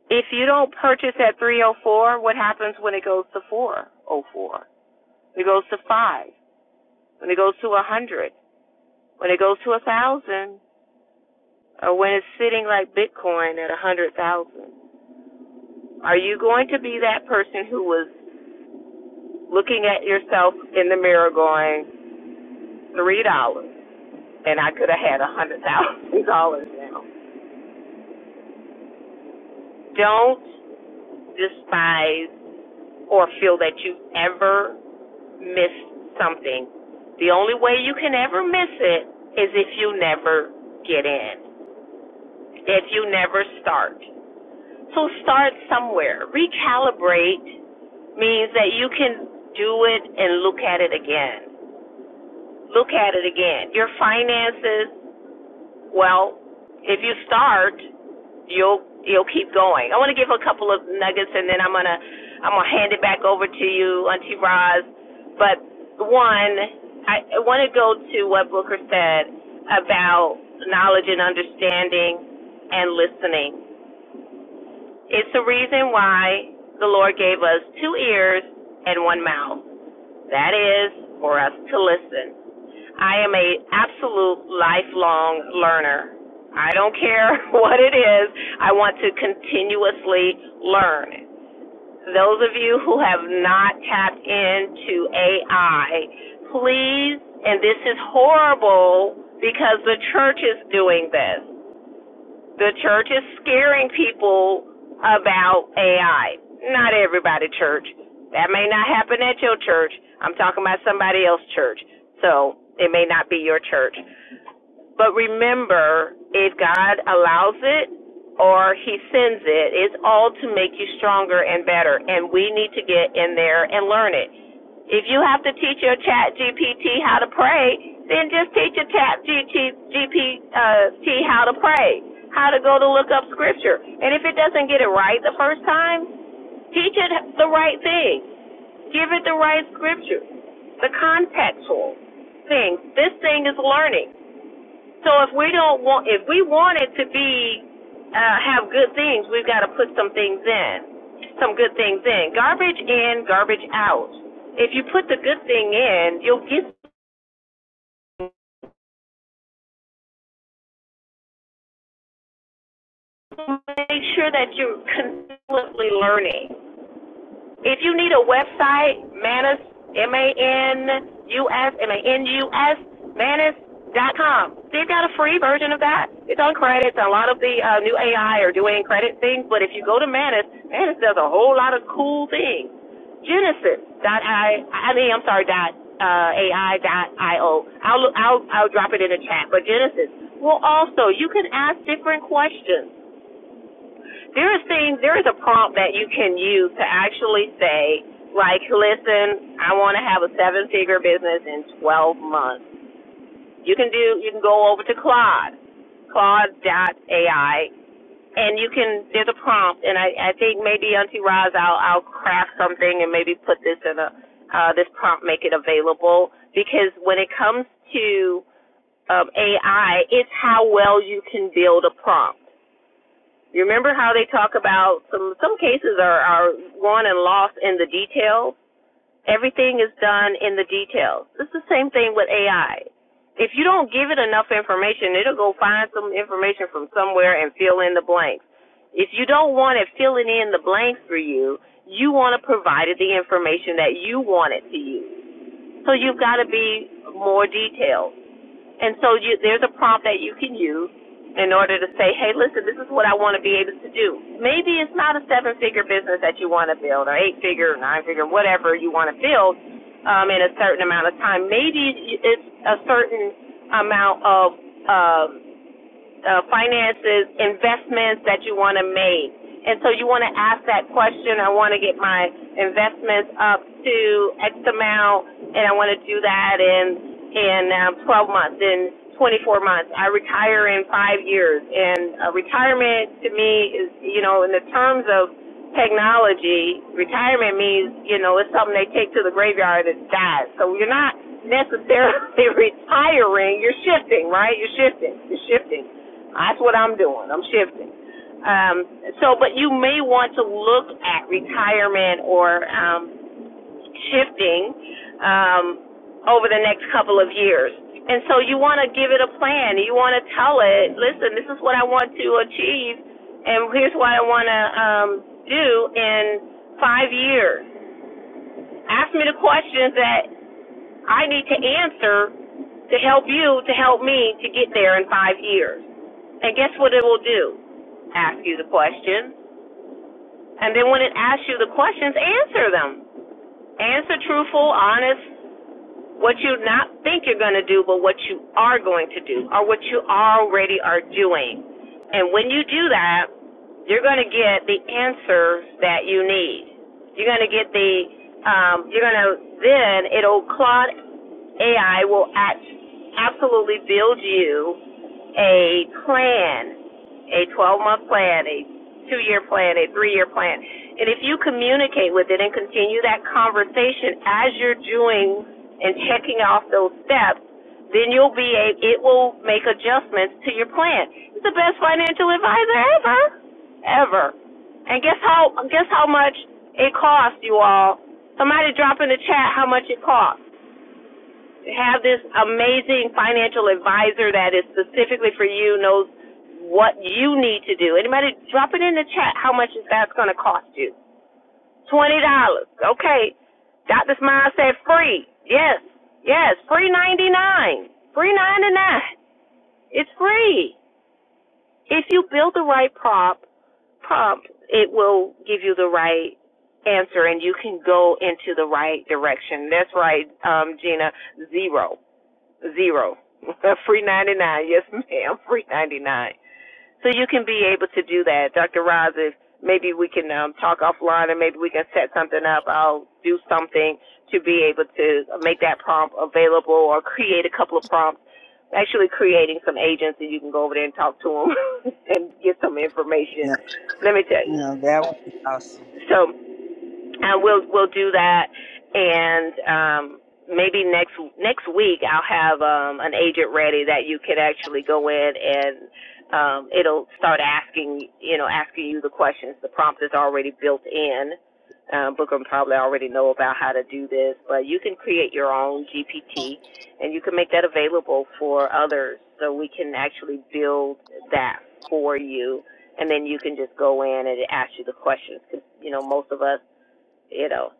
If you don't purchase at 304, what happens when it goes to 404? When it goes to 5? When it goes to 100? When it goes to 1,000? Or when it's sitting like Bitcoin at 100,000? Are you going to be that person who was looking at yourself in the mirror going, $3? and I could have had a hundred thousand dollars now. Don't despise or feel that you ever missed something. The only way you can ever miss it is if you never get in, if you never start. So start somewhere. Recalibrate means that you can do it and look at it again. Look at it again. Your finances, well, if you start you'll you'll keep going. I want to give a couple of nuggets, and then I'm gonna I'm gonna hand it back over to you, Auntie Roz. But one, I, want to go to what Booker said about knowledge and understanding and listening. It's the reason why the Lord gave us two ears and one mouth. That is for us to listen. I am a absolute lifelong learner. I don't care (laughs) what it is. I want to continuously learn. Those of you who have not tapped into AI, please, and this is horrible because the church is doing this the church is scaring people about AI. Not everybody church. That may not happen at your church. I'm talking about somebody else's church. So it may not be your church. But remember, if God allows it or He sends it, it's all to make you stronger and better. And we need to get in there and learn it. If you have to teach your chat GPT how to pray, then just teach your chat GPT how to pray, how to go to look up scripture. And if it doesn't get it right the first time, teach it the right thing. Give it the right scripture, the contextual thing. This thing is learning. So if we don't want, if we want it to be, uh, have good things, we've got to put some things in, some good things in. Garbage in, garbage out. If you put the good thing in, you'll get make sure that you're continuously learning. If you need a website, Manus, M A N U S, M A N U S, Manus dot com. They've got a free version of that. It's on credits. A lot of the uh, new AI are doing credit things, but if you go to Manus, Manus does a whole lot of cool things. Genesis dot I, O, I mean, I'm sorry, dot uh, AI dot IO. I'll, I'll, I'll drop it in the chat, but Genesis will also, you can ask different questions. There is things, there is a prompt that you can use to actually say, like, listen, I want to have a seven-figure business in 12 months. You can do, you can go over to Claude, Claude AI, and you can. There's a prompt, and I, I think maybe Auntie Roz, I'll, I'll craft something and maybe put this in a, uh, this prompt, make it available because when it comes to um, AI, it's how well you can build a prompt. You remember how they talk about some some cases are are won and lost in the details. Everything is done in the details. It's the same thing with AI. If you don't give it enough information, it'll go find some information from somewhere and fill in the blanks. If you don't want it filling in the blanks for you, you want to provide it the information that you want it to use. So you've got to be more detailed. And so you, there's a prompt that you can use in order to say, hey, listen, this is what I want to be able to do. Maybe it's not a seven figure business that you want to build, or eight figure, nine figure, whatever you want to build um, in a certain amount of time. Maybe it's a certain amount of um, uh, finances, investments that you want to make. And so you want to ask that question. I want to get my investments up to X amount, and I want to do that in in um, 12 months, in 24 months. I retire in five years, and uh, retirement to me is, you know, in the terms of technology, retirement means, you know, it's something they take to the graveyard and dies. So you're not necessarily (laughs) retiring, you're shifting, right? You're shifting. You're shifting. That's what I'm doing. I'm shifting. Um, so, but you may want to look at retirement or um, shifting um, over the next couple of years. And so you want to give it a plan. You want to tell it, listen, this is what I want to achieve, and here's what I want to um, do in five years. Ask me the questions that I need to answer to help you, to help me to get there in five years. And guess what it will do? Ask you the questions. And then when it asks you the questions, answer them. Answer truthful, honest, what you not think you're going to do, but what you are going to do, or what you already are doing. And when you do that, you're going to get the answers that you need. You're going to get the, um, you're going to, then it'll, Claude AI will act, absolutely build you a plan a 12 month plan, a two year plan, a three year plan. And if you communicate with it and continue that conversation as you're doing and checking off those steps, then you'll be a, it will make adjustments to your plan. It's the best financial advisor ever, ever. And guess how guess how much it costs you all. Somebody drop in the chat how much it costs have this amazing financial advisor that is specifically for you, knows what you need to do. Anybody drop it in the chat how much is that's gonna cost you. Twenty dollars. Okay. Dr. Smile said free. Yes. Yes. Free ninety nine. Free ninety nine. It's free. If you build the right prop prompt, it will give you the right answer and you can go into the right direction. That's right, um, Gina. Zero. Zero. (laughs) free 99. Yes, ma'am. (laughs) Free 99. So you can be able to do that. Dr. Roz, if maybe we can um, talk offline and maybe we can set something up. I'll do something to be able to make that prompt available or create a couple of prompts. Actually, creating some agents and you can go over there and talk to them (laughs) and get some information.
Yeah,
Let me tell you.
yeah, that would be awesome.
So uh, we'll we'll do that, and um, maybe next next week I'll have um, an agent ready that you could actually go in and um, it'll start asking you know asking you the questions. The prompt is already built in. Um, Booker probably already know about how to do this, but you can create your own GPT and you can make that available for others, so we can actually build that for you. And then you can just go in and it asks you the questions. 'Cause, you know, most of us you know,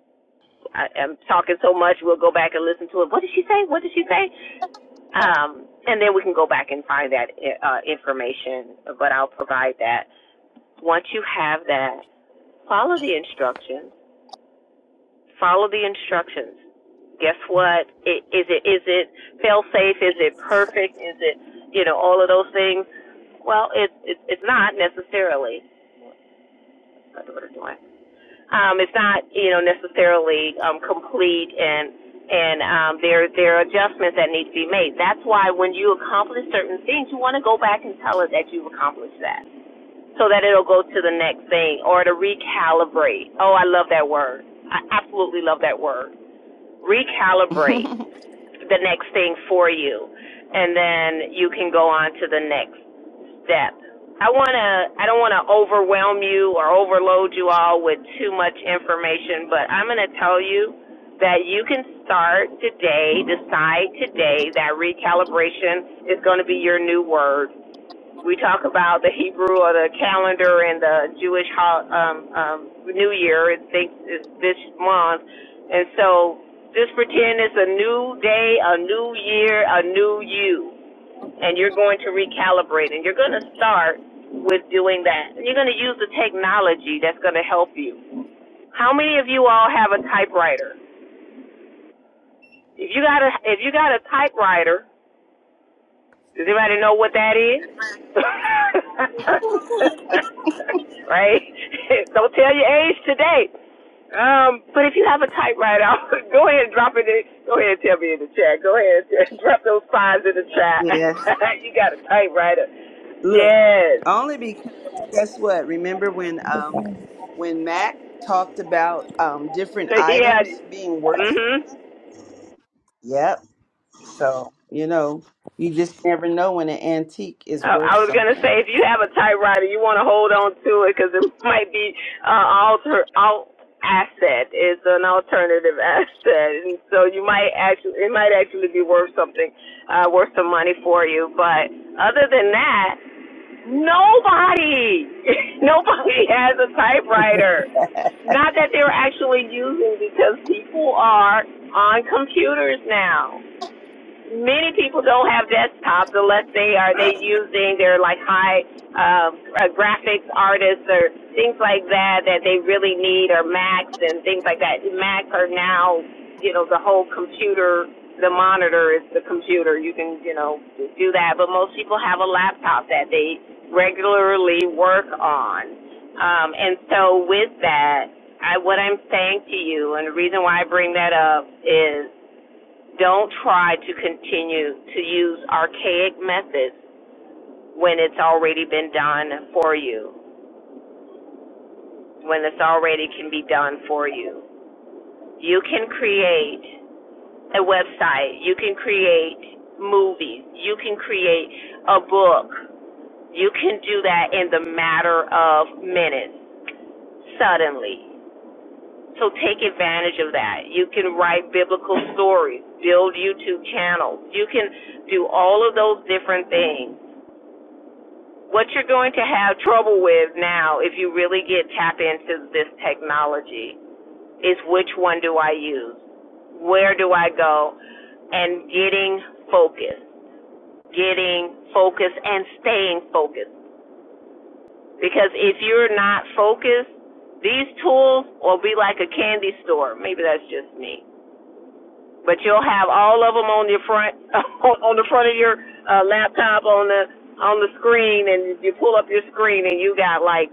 I, I'm talking so much, we'll go back and listen to it. What did she say? What did she say? Um, and then we can go back and find that uh, information, but I'll provide that. Once you have that, follow the instructions. Follow the instructions. Guess what? I- it is it fail safe? Is it perfect? Is it you know all of those things? Well, it's it's it's not necessarily. My daughter's doing. um, it's not you know necessarily um, complete and and um, there there are adjustments that need to be made. That's why when you accomplish certain things, you want to go back and tell us that you've accomplished that, so that it'll go to the next thing or to recalibrate. Oh, I love that word. I absolutely love that word. Recalibrate the next thing for you, and then you can go on to the next Step. I want to I don't want to overwhelm you or overload you all with too much information, but I'm going to tell you that you can start today, decide today that recalibration is going to be your new word. We talk about the Hebrew or the calendar and the Jewish um, um, New Year. It thinks it's this month, and so just pretend it's a new day, a new year, a new you and you're going to recalibrate and you're going to start with doing that. You're going to use the technology that's going to help you. How many of you all have a typewriter? If you got a if you got a typewriter, does anybody know what that is? (laughs) right? (laughs) Don't tell your age today. Um, but if you have a typewriter, (laughs) I'll, go ahead and drop it in. Go ahead and tell me in the chat. Go ahead and (laughs) drop those signs in the
(laughs)
chat.
yes,
(laughs) you got a typewriter.
look,
Yes.
only because guess what? Remember when um when Mac talked about um
(laughs)
different
So yeah,
items being worth?
mhm.
Yep. So you know, you just never know when an antique is
Uh, I
worth
was gonna
something.
say if you have a typewriter, you want to hold on to it because it (laughs) might be uh, alter alt asset. It's an alternative (laughs) asset, and so you might actually it might actually be worth something, uh, worth some money for you. But other than that, nobody, (laughs) nobody has a typewriter. Not that they're actually using because people are on computers now. many people don't have desktops unless they are they using their like high uh, uh, graphics artists or things like that that they really need or Macs and things like that. Macs are now you know the whole computer the monitor is the computer you can you know do that but most people have a laptop that they regularly work on um, and so with that I, what I'm saying to you and the reason why I bring that up is don't try to continue to use archaic methods when it's already been done for you, when it's already can be done for you. You can create a website, you can create movies, you can create a book. You can do that in the matter of minutes, suddenly. So take advantage of that. You can write biblical stories, build YouTube channels. You can do all of those different things what you're going to have trouble with now if you really get tap into this technology is which one do I use? Where do I go? And getting focused. Getting focused and staying focused. Because if you're not focused, these tools will be like a candy store. Maybe that's just me. But you'll have all of them on your front (laughs) on the front of your uh, laptop on the on the screen and you pull up your screen and you got like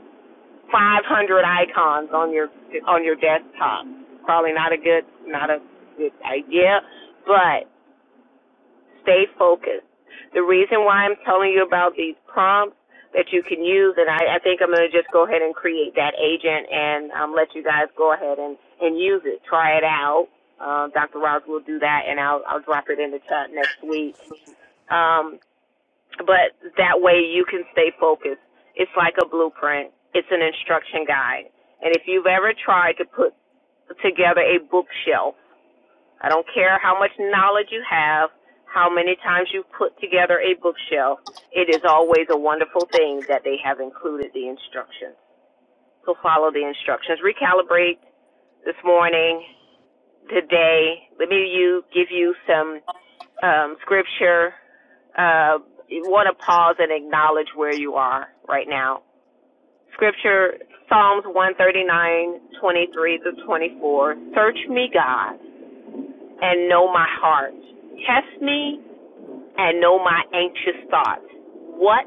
500 icons on your on your desktop. Probably not a good not a good idea, but stay focused. The reason why I'm telling you about these prompts that you can use, and I, I think I'm going to just go ahead and create that agent and um, let you guys go ahead and, and use it. Try it out. Uh, Dr. Ross will do that, and I'll, I'll drop it in the chat next week. Um, but that way you can stay focused. It's like a blueprint. It's an instruction guide. And if you've ever tried to put together a bookshelf, I don't care how much knowledge you have, how many times you've put together a bookshelf, it is always a wonderful thing that they have included the instructions. So follow the instructions. Recalibrate this morning, today. Let me you give you some um, scripture uh, you want to pause and acknowledge where you are right now. Scripture, Psalms 139:23 23 to 24. Search me, God, and know my heart. Test me and know my anxious thoughts. What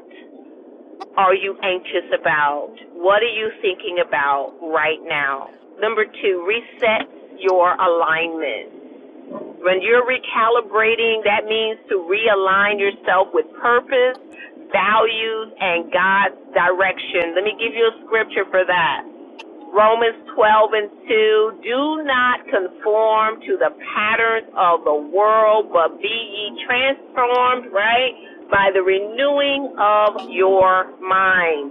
are you anxious about? What are you thinking about right now? Number two, reset your alignment When you're recalibrating, that means to realign yourself with purpose, values, and God's direction. Let me give you a scripture for that. Romans 12 and 2. Do not conform to the patterns of the world, but be ye transformed, right? By the renewing of your mind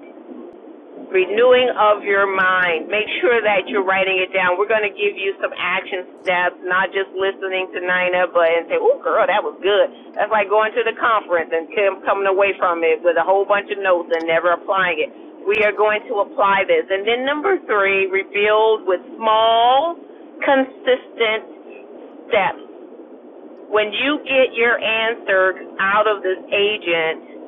renewing of your mind. Make sure that you're writing it down. We're going to give you some action steps, not just listening to Nina, but and say, "Oh, girl, that was good." That's like going to the conference and come- coming away from it with a whole bunch of notes and never applying it. We are going to apply this. And then number three, rebuild with small, consistent steps. When you get your answer out of this agent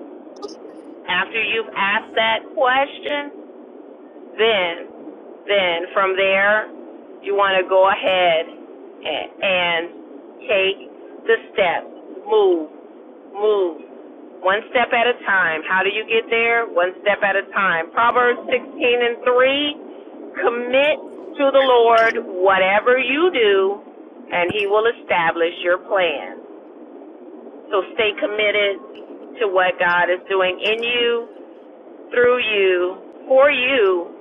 after you've asked that question, then, then from there, you want to go ahead and, and take the steps. Move, move, one step at a time. How do you get there? One step at a time. Proverbs 16 and 3 Commit to the Lord whatever you do, and He will establish your plan. So stay committed to what God is doing in you through you, for you,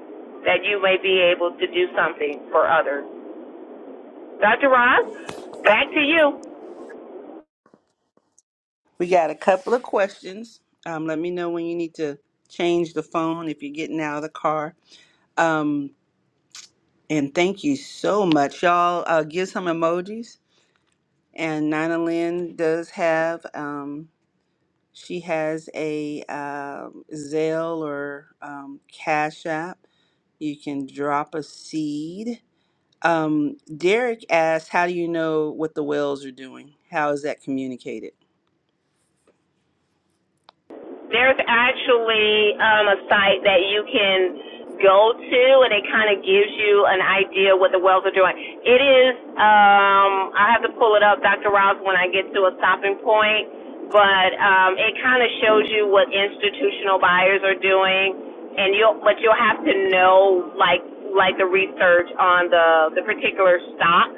that you may be able to do something for others. Dr. Ross, back to you.
We got a couple of questions. Um, let me know when you need to change the phone if you're getting out of the car Um, and thank you so much, y'all. Uh, give some emojis. And Nina Lynn does have, um, she has a uh, Zelle or um, Cash App. You can drop a seed. Um, Derek asked, How do you know what the whales are doing? How is that communicated?
There's actually um, a site that you can go to, and it kind of gives you an idea what the wells are doing. It is, um, I have to pull it up, Dr. Ross, when I get to a stopping point, but um, it kind of shows you what institutional buyers are doing, and you'll, but you'll have to know like like the research on the the particular stock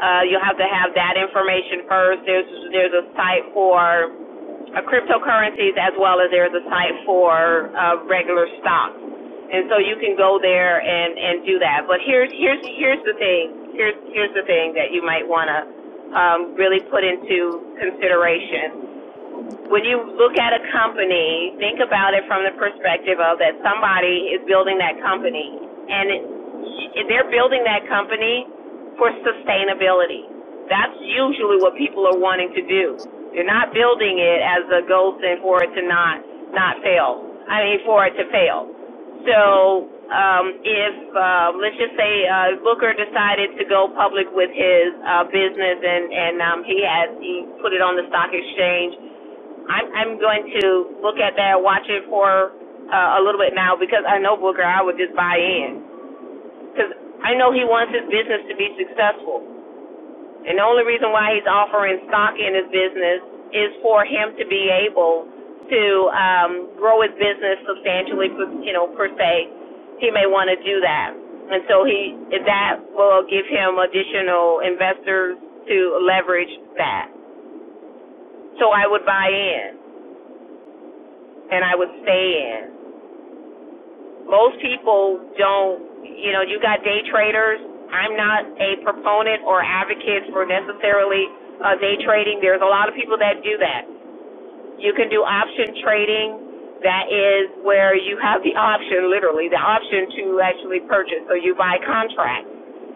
uh, you'll have to have that information first. There's there's a site for uh, cryptocurrencies as well as there's a site for uh, regular stocks, and so you can go there and and do that. But here's here's here's the thing. Here's here's the thing that you might want to um, really put into consideration when you look at a company, think about it from the perspective of that somebody is building that company and it, they're building that company for sustainability. That's usually what people are wanting to do. They're not building it as a goal thing for it to not not fail. I mean, for it to fail. So um, if uh, let's just say uh, Booker decided to go public with his uh, business and and um, he had he put it on the stock exchange I'm I'm going to look at that, watch it for uh, a little bit now because I know Booker, I would just buy in because I know he wants his business to be successful, and the only reason why he's offering stock in his business is for him to be able to um, grow his business substantially, you know, per se. He may want to do that, and so he that will give him additional investors to leverage that. So I would buy in and I would stay in. most people don't, you know, you got day traders. I'm not a proponent or advocate for necessarily uh, day trading. There's a lot of people that do that. You can do option trading. That is where you have the option, literally, the option to actually purchase. So you buy contracts,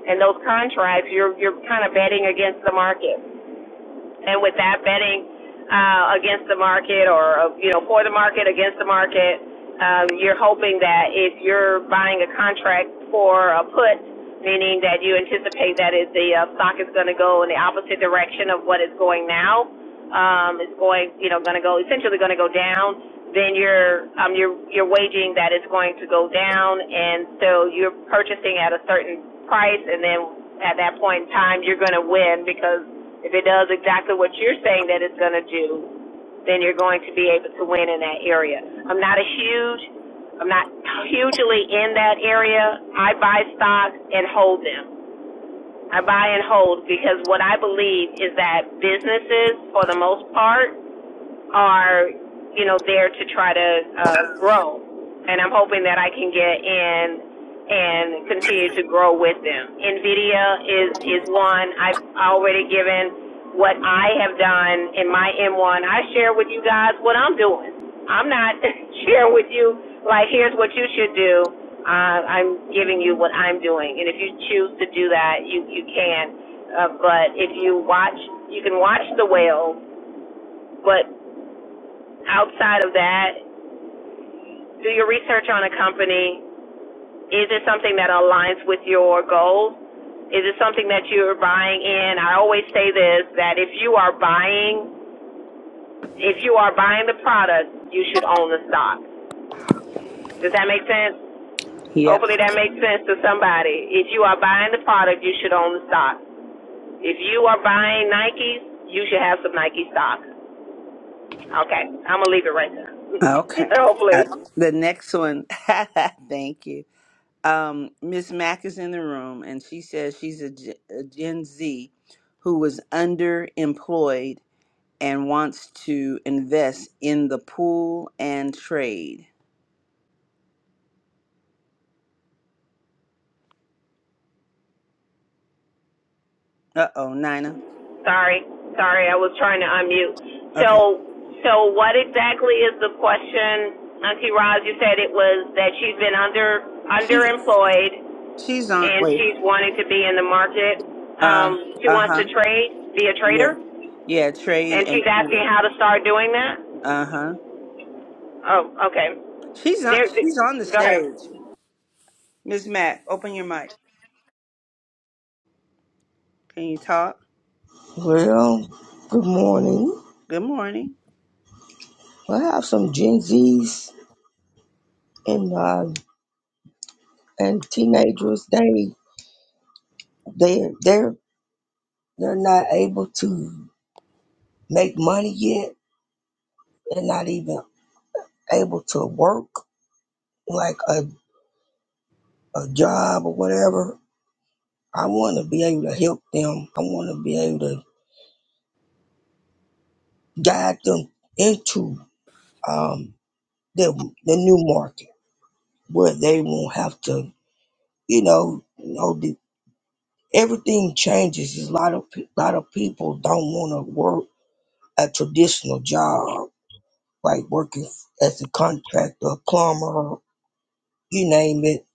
and those contracts, you're you're kind of betting against the market and with that betting uh, against the market or uh, you know for the market against the market, um, you're hoping that if you're buying a contract for a put, meaning that you anticipate that if the uh, stock is going to go in the opposite direction of what it's going now, um, is going, you know, going to go essentially going to go down, then you're um, you're you're waging that it's going to go down, and so you're purchasing at a certain price, and then at that point in time you're going to win because if it does exactly what you're saying that it's going to do, then you're going to be able to win in that area. I'm not a huge, I'm not hugely in that area. I buy stocks and hold them. I buy and hold because what I believe is that businesses, for the most part, are, you know, there to try to uh, grow. And I'm hoping that I can get in and continue to grow with them. NVIDIA is, is one. I've already given what I have done in my M1. I share with you guys what I'm doing. I'm not (laughs) sharing with you, like, here's what you should do. Uh, I'm giving you what I'm doing. And if you choose to do that, you, you can. Uh, but if you watch, you can watch the whale but Outside of that, do your research on a company. Is it something that aligns with your goals? Is it something that you're buying in? I always say this that if you are buying, if you are buying the product, you should own the stock. Does that make sense?
Yep.
Hopefully that makes sense to somebody. If you are buying the product, you should own the stock. If you are buying Nikes, you should have some Nike stock. Okay, I'm gonna leave it right there.
Okay.
(laughs)
Uh,
Hopefully.
the next one, (laughs) thank you. um miss mack is in the room and she says she's a, G- a gen z who was underemployed and wants to invest in the pool and trade uh-oh nina
Sorry, sorry, I was trying to unmute.
okay
So, so what exactly is the question, Auntie Roz? You said it was that she's been under
she's
underemployed
she's on
and
wait
she's wanting to be in the market.
uh
Um, she wants to
uh-huh
trade, be a
yeah
trader,
yeah
and
trade
she's
and
asking
pool
how to start doing that.
uh-huh
Oh, okay.
she's on
There, th-
she's on the
go ahead.
stage miss mack open your mic can you talk
Well, good morning.
good morning
I have some Gen Zs and uh, and teenagers. They they they're they're not able to make money yet. They're not even able to work like a, a job or whatever. I want to be able to help them. I want to be able to guide them into um, the the new market where they won't have to, you know, you know, everything changes. There's A lot of pe- lot of people don't want to work a traditional job, like working as a contractor, a plumber, you name it.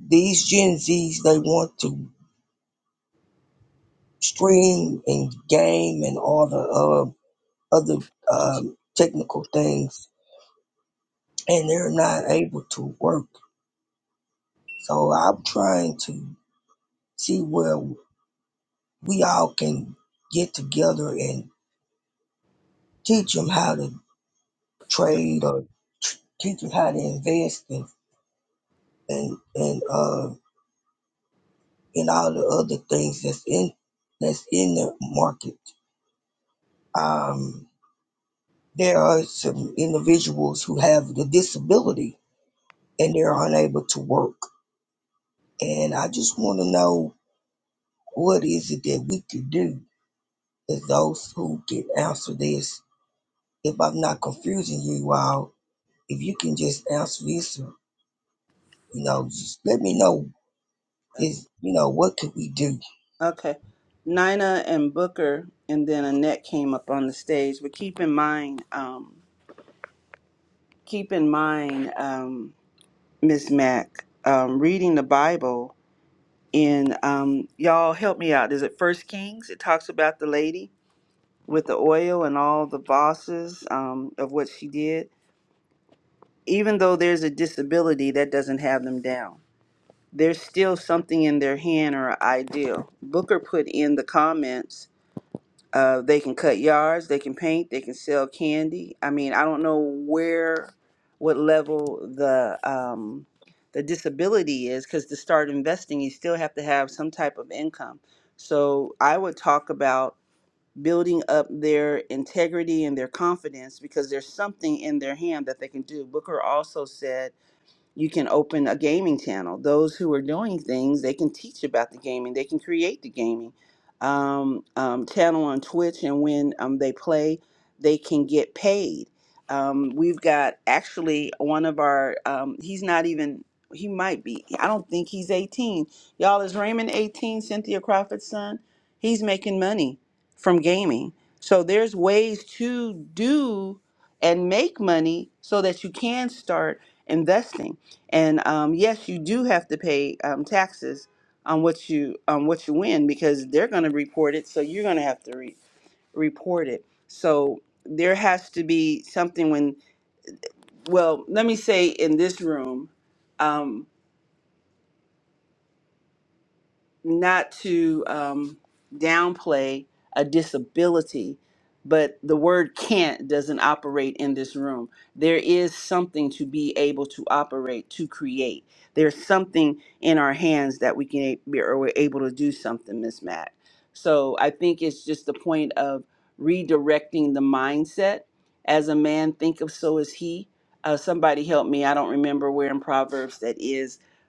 These Gen Zs they want to stream and game and all the uh, other um, technical things, and they're not able to work. So I'm trying to see where we all can get together and teach them how to trade or tr- teach us how to invest and and and uh and all the other things that's in that's in the market. Um, there are some individuals who have the disability and they're unable to work, and I just want to know what is it that we could do as those who can answer this. If I'm not confusing you all, if you can just answer this, you know, just let me know is you know what could we do
Okay. Nina and Booker, and then Annette came up on the stage. But keep in mind, um, keep in mind, um, Miss Mac, um, reading the Bible in um, y'all help me out. Is it First Kings? It talks about the lady with the oil and all the bosses um, of what she did. Even though there's a disability, that doesn't have them down. There's still something in their hand or an ideal. Booker put in the comments Uh, they can cut yards, they can paint, they can sell candy. I mean, I don't know where, what level the um, the disability is, because to start investing, you still have to have some type of income. So I would talk about building up their integrity and their confidence because there's something in their hand that they can do. Booker also said you can open a gaming channel. Those who are doing things, they can teach about the gaming, they can create the gaming um, um, channel on Twitch, and when um, they play, they can get paid. Um, we've got actually one of our, um, he's not even, he might be, I don't think he's 18. Y'all, is Raymond 18, Cynthia Crawford's son? He's making money from gaming. So there's ways to do and make money so that you can start investing and um, yes, you do have to pay um, taxes on what you on what you win because they're going to report it. So you're going to have to re- report it. So there has to be something when well, let me say in this room. um, not to um, downplay a disability, but the word can't doesn't operate in this room. There is something to be able to operate, to create. There's something in our hands that we can be or we're able to do something, Miss Mac. So I think it's just the point of redirecting the mindset. As a man thinketh, so is he. Uh, somebody help me. I don't remember where in Proverbs that is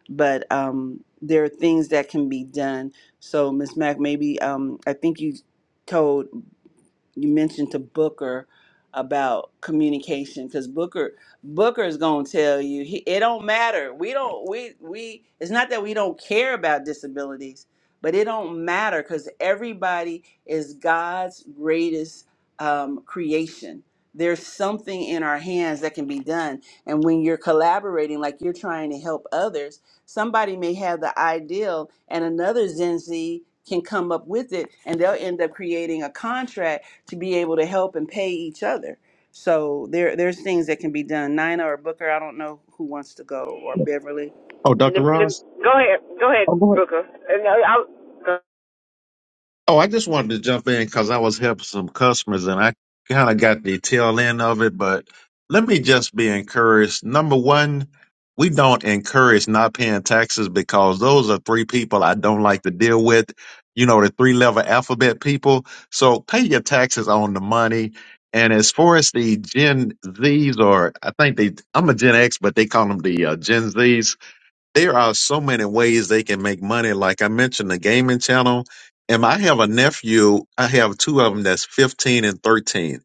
but um, there are things that can be done. So, Miss Mack, maybe um, I think you told you mentioned to Booker about communication because Booker Booker is gonna tell you he, it don't matter. We don't we we it's not that we don't care about disabilities, but it don't matter because everybody is God's greatest um, creation. There's something in our hands that can be done, and when you're collaborating, like you're trying to help others, somebody may have the ideal, and another Gen Z can come up with it, and they'll end up creating a contract to be able to help and pay each other. So there there's things that can be done. Nina or Booker, I don't know who wants to go or Beverly.
Dr.
Lem- lem-
Ross?
go ahead, go ahead,
Oh, go ahead.
Booker. And I, I,
Oh, I just wanted to jump in because I was helping some customers and I kind of got the tail end of it. But let me just be encouraged. Number one, we don't encourage not paying taxes because those are three people I don't like to deal with. You know, the three level alphabet people. So pay your taxes on the money. And as far as the Gen Zs, or I think they, I'm a Gen X, but they call them the uh, Gen Zs there are so many ways they can make money. Like I mentioned, the gaming channel. And I have a nephew. I have two of them that's 15 and 13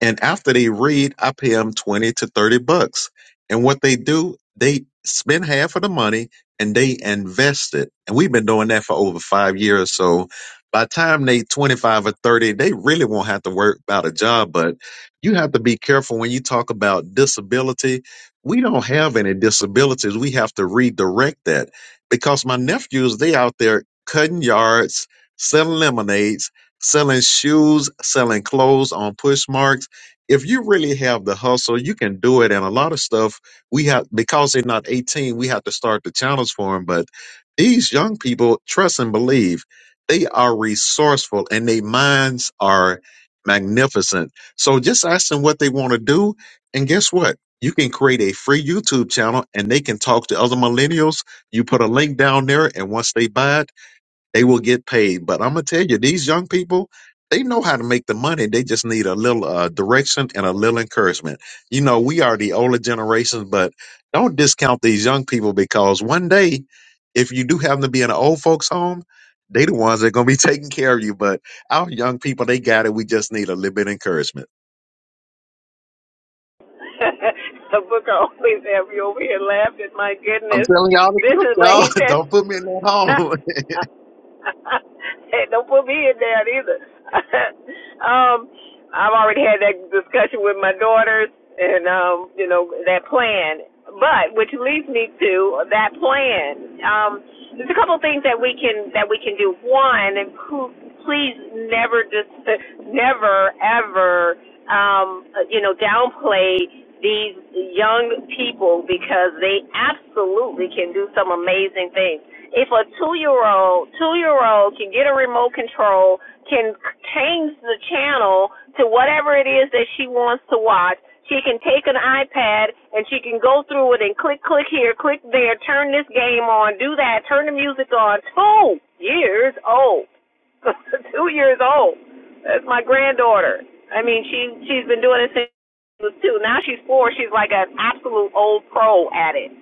and after they read, I pay them 20 to 30 bucks. And what they do, they spend half of the money and they invest it. And we've been doing that for over five years. So by the time they 25 or 30, they really won't have to worry about a job. But you have to be careful when you talk about disability. We don't have any disabilities. We have to redirect that because my nephews, they out there cutting yards, selling lemonades, selling shoes, selling clothes on Pushmark if you really have the hustle, you can do it. And a lot of stuff we have because they're not 18, we have to start the channels for them. But these young people, trust and believe, they are resourceful and their minds are magnificent. So just ask them what they want to do, and guess what? You can create a free YouTube channel and they can talk to other millennials. You put a link down there, and once they buy it, they will get paid. But I'm gonna tell you, these young people, they know how to make the money. They just need a little uh, direction and a little encouragement. You know, we are the older generation, but don't discount these young people because one day, if you do happen to be in an old folks' home, they the ones that are gonna be (laughs) taking care of you. But our young people, they got it. We just need a little bit of encouragement.
(laughs) Booker always have you over here laughing. My
I'm
goodness,
telling y'all the
this
truth,
is. But
y'all.
he
(laughs)
said
Don't put me in that home.
(laughs) hey, don't put me in that either. (laughs) um, I've already had that discussion with my daughters, and um, you know that plan. But which leads me to that plan. Um, there's a couple of things that we can that we can do. One, and please never just never ever um, you know downplay these young people because they absolutely can do some amazing things if a two year old two year old can get a remote control can change the channel to whatever it is that she wants to watch she can take an ipad and she can go through it and click click here click there turn this game on do that turn the music on two years old (laughs) two years old. That's my granddaughter. I mean, she she's been doing it since she was two. Now she's four. She's like an absolute old pro at it.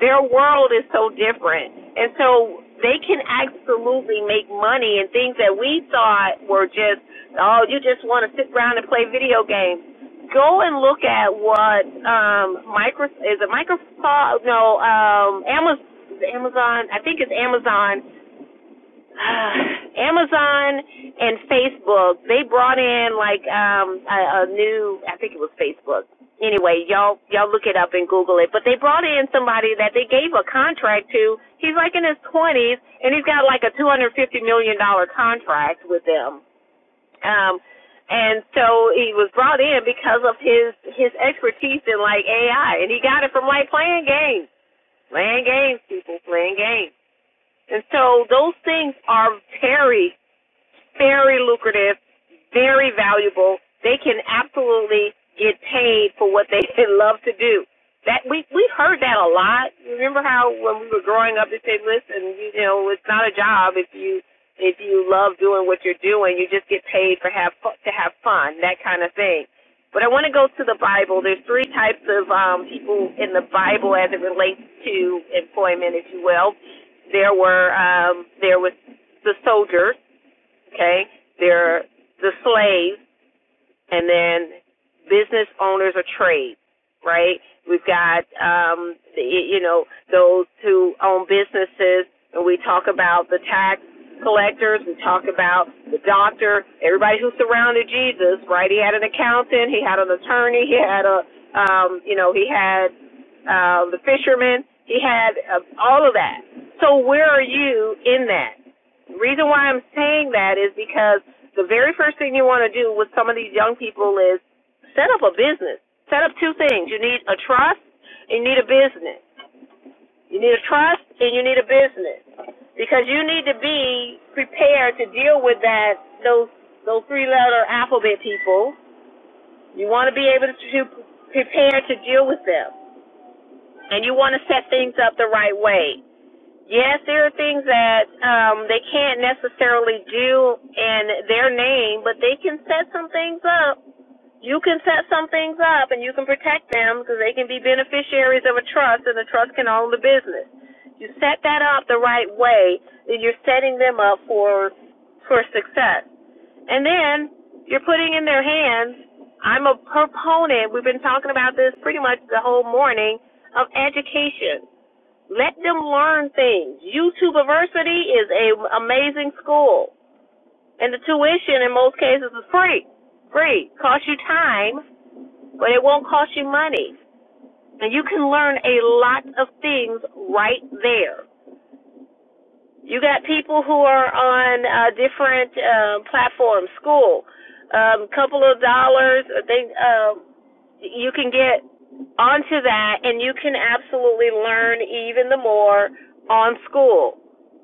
Their world is so different, and so they can absolutely make money in things that we thought were just oh, you just want to sit around and play video games. Go and look at what um Microsoft is it Microsoft no um Amazon Amazon I think it's Amazon (sighs) Amazon and Facebook, they brought in like um a, a new I think it was Facebook. Anyway, y'all y'all look it up and Google it. But they brought in somebody that they gave a contract to. He's like in his twenties and he's got like a two hundred fifty million dollar contract with them. Um and so he was brought in because of his his expertise in like AI and he got it from like playing games. Playing games, people, playing games. And so those things are very very lucrative, very valuable. They can absolutely get paid for what they (laughs) love to do. That we we heard that a lot. Remember how when we were growing up, they said, "Listen, you know, it's not a job if you if you love doing what you're doing, you just get paid for have to have fun, that kind of thing." But I want to go to the Bible. There's three types of um, people in the Bible as it relates to employment, if you will. There were um, there was the soldiers Okay, they're the slaves and then business owners or trade, right? We've got um you know those who own businesses, and we talk about the tax collectors. We talk about the doctor, everybody who surrounded Jesus, right? He had an accountant, he had an attorney, he had a um you know he had uh, the fisherman, he had uh, all of that. So where are you in that? The reason why I'm saying that is because the very first thing you want to do with some of these young people is set up a business. Set up two things. You need a trust and you need a business. You need a trust and you need a business. Because you need to be prepared to deal with that those those three letter alphabet people. You want to be able to, to prepare to deal with them. And you want to set things up the right way. Yes, there are things that um they can't necessarily do in their name, but they can set some things up you can set some things up and you can protect them because they can be beneficiaries of a trust and the trust can own the business. You set that up the right way, then you're setting them up for for success. And then you're putting in their hands. I'm a proponent. We've been talking about this pretty much the whole morning of education. Let them learn things. YouTubeversity is a amazing school, and the tuition in most cases is free. Free, costs you time, but it won't cost you money. And you can learn a lot of things right there. You got people who are on uh, different um, platforms, school, a um, couple of dollars, I think, um, you can get onto that and you can absolutely learn even the more on school.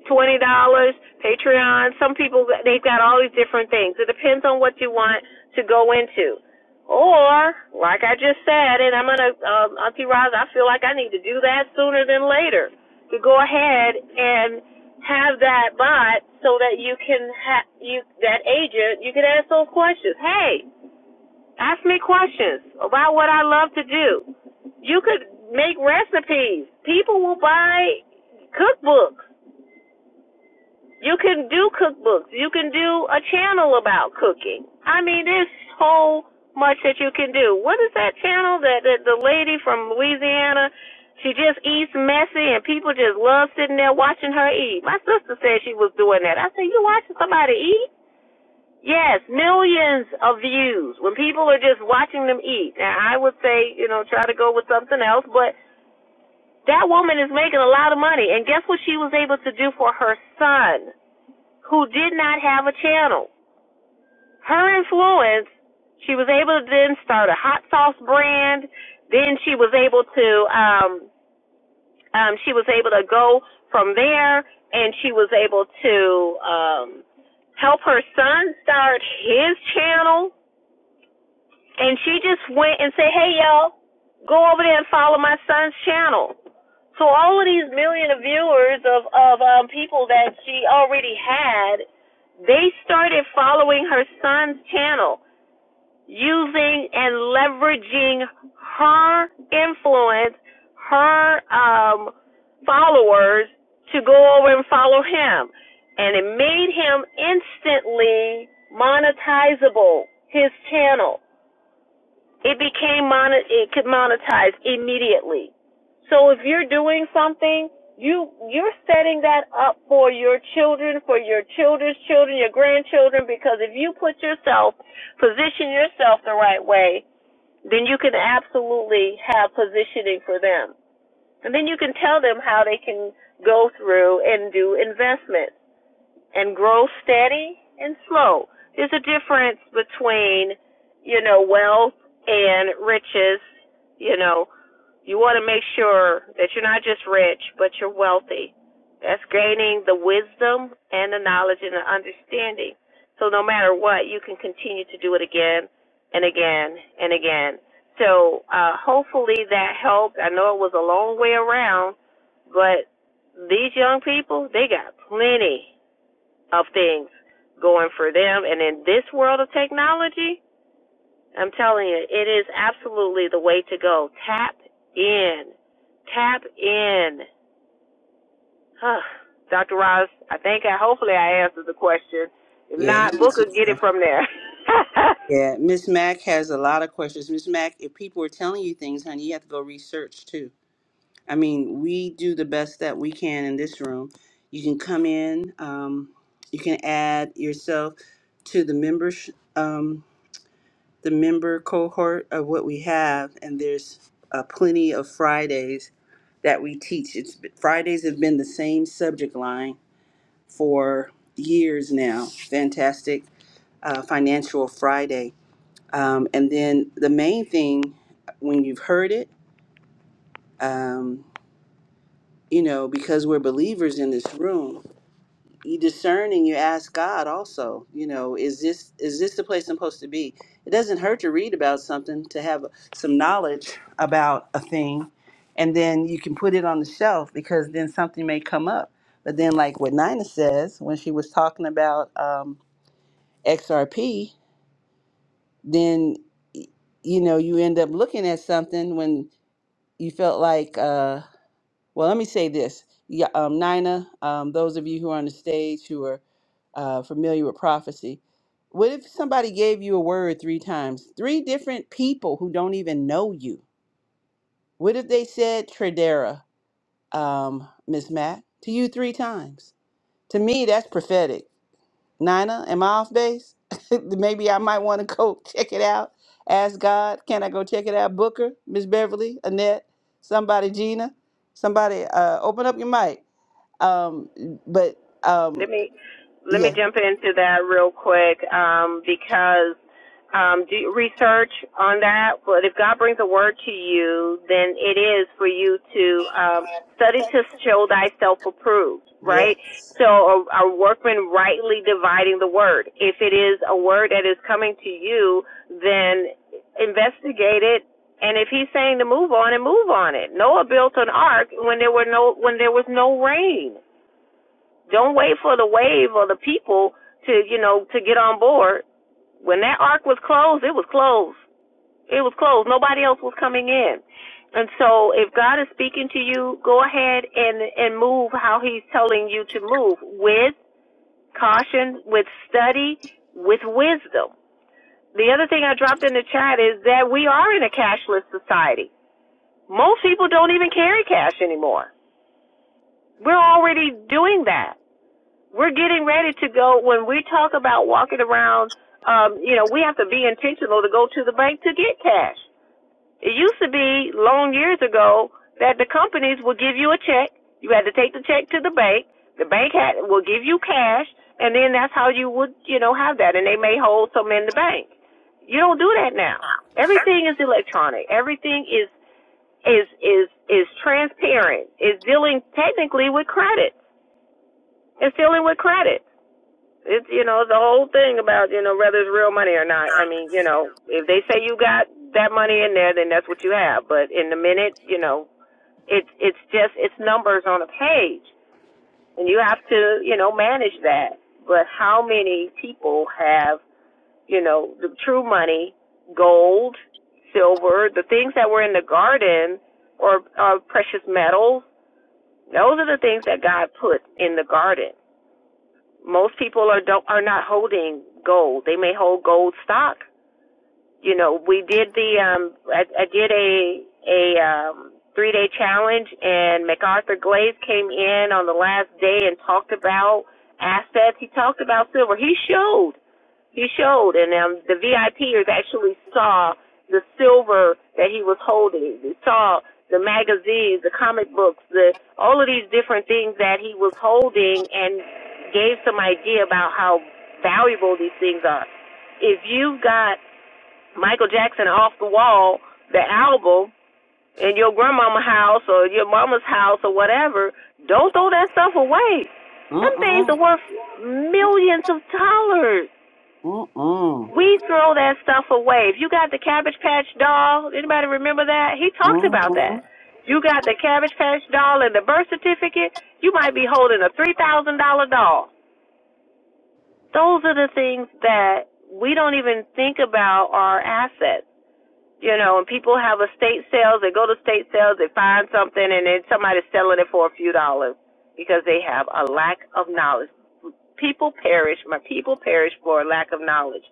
Twenty dollars, Patreon. Some people they've got all these different things. It depends on what you want to go into, or like I just said, and I'm gonna um, Auntie Roz, I feel like I need to do that sooner than later to go ahead and have that bot so that you can have you that agent you can ask those questions. Hey, Ask me questions about what I love to do. You could make recipes. People will buy cookbooks. You can do cookbooks. You can do a channel about cooking. I mean, there's so much that you can do. What is that channel that, that the lady from Louisiana? She just eats messy, and people just love sitting there watching her eat. My sister said she was doing that. I said, "You watching somebody eat?" Yes, millions of views when people are just watching them eat. Now, I would say, you know, try to go with something else, but that woman is making a lot of money. And guess what she was able to do for her son, who did not have a channel? Her influence, she was able to then start a hot sauce brand. Then she was able to, um, um, she was able to go from there and she was able to, um, help her son start his channel And she just went and said, hey, y'all, go over there and follow my son's channel. So all of these million of viewers of, of um, people that she already had, they started following her son's channel using and leveraging her influence, her um, followers to go over and follow him. And it made him instantly monetizable, his channel. It became monet. It could monetize immediately. So if you're doing something, you you're setting that up for your children, for your children's children, your grandchildren. Because if you put yourself, position yourself the right way, then you can absolutely have positioning for them, and then you can tell them how they can go through and do investment and grow steady and slow. There's a difference between, you know, wealth and riches. You know, you want to make sure that you're not just rich, but you're wealthy. That's gaining the wisdom and the knowledge and the understanding. So no matter what, you can continue to do it again and again and again. So uh, hopefully that helped. I know it was a long way around, but these young people, they got plenty of things going for them. And in this world of technology, I'm telling you, it is absolutely the way to go. Tap in. Tap in. huh, Dr. Ross, I think I hopefully I answered the question. If
Yeah, you
not,
can
book or
sit
get it
there.
from there. (laughs)
yeah. Miss Mack has a lot of questions. Miss Mack, if people are telling you things, honey, you have to go research too. I mean, we do the best that we can in this room. You can come in. Um, you can add yourself to the members. um, the member cohort of what we have, and there's uh, plenty of Fridays that we teach. It's Fridays have been the same subject line for years now. Fantastic uh, Financial Friday, um, and then the main thing when you've heard it, um, you know, because we're believers in this room. you discern and you ask God also, you know, is this is this the place I'm supposed to be? It doesn't hurt to read about something, to have some knowledge about a thing, and then you can put it on the shelf because then something may come up. But then, like what Nina says when she was talking about um, XRP, then y- you know you end up looking at something when you felt like. Uh, well, let me say this. Yeah, um, Nina, um, those of you who are on the stage who are uh, familiar with prophecy, what if somebody gave you a word three times? Three different people who don't even know you. What if they said Tradera, um, Miss Matt, to you three times? To me, that's prophetic. Nina, am I off base? (laughs) Maybe I might want to go (laughs) check it out. Ask God, can I go check it out? Booker, Miss Beverly, Annette, somebody, Gina, somebody, uh, open up your mic. Um, but
Let
um,
me let me
yeah,
jump into that real quick um, because um, do research on that. But if God brings a word to you, then it is for you to um, study to show thyself approved, right?
Yes.
So a, a workman rightly dividing the word. If it is a word that is coming to you, then investigate it. And if he's saying to move on, and move on it. Noah built an ark when there were no when there was no rain don't wait for the wave or the people to, you know, to get on board. When that ark was closed, it was closed. It was closed. Nobody else was coming in. And so if God is speaking to you, go ahead and, and move how he's telling you to move with caution, with study, with wisdom. The other thing I dropped in the chat is that we are in a cashless society. Most people don't even carry cash anymore. We're already doing that. We're getting ready to go. When we talk about walking around, um, you know, we have to be intentional to go to the bank to get cash. It used to be long years ago that the companies would give you a check. You had to take the check to the bank. The bank had will give you cash, and then that's how you would, you know, have that. And they may hold some in the bank. You don't do that now. Everything is electronic. Everything is is is is transparent. It's dealing technically with credit. It's dealing with credit. It's you know the whole thing about you know whether it's real money or not. I mean you know if they say you got that money in there, then that's what you have. But in the minute you know it's it's just it's numbers on a page, and you have to you know manage that. But how many people have you know the true money, gold, silver, the things that were in the garden, or, or precious metals? Those are the things that God put in the garden most people are don't are not holding gold. They may hold gold stock. You know, we did the um I, I did a a um three day challenge and MacArthur Glaze came in on the last day and talked about assets. He talked about silver. He showed he showed, and um, the VIPers actually saw the silver that he was holding. They saw the magazines, the comic books, the all of these different things that he was holding, and gave some idea about how valuable these things are. If you've got Michael Jackson off the wall, the album in your grandmama's house or your mama's house or whatever, don't throw that stuff away. Them things
uh-uh.
are worth millions of dollars.
Mm.
We throw that stuff away. If you got the Cabbage Patch doll, anybody remember that? He talked about that. You got the Cabbage Patch doll and the birth certificate, you might be holding a $3,000 doll. Those are the things that we don't even think about our assets. You know, and people have estate sales, they go to estate sales, they find something, and then somebody's selling it for a few dollars because they have a lack of knowledge. People perish, my people perish for a lack of knowledge.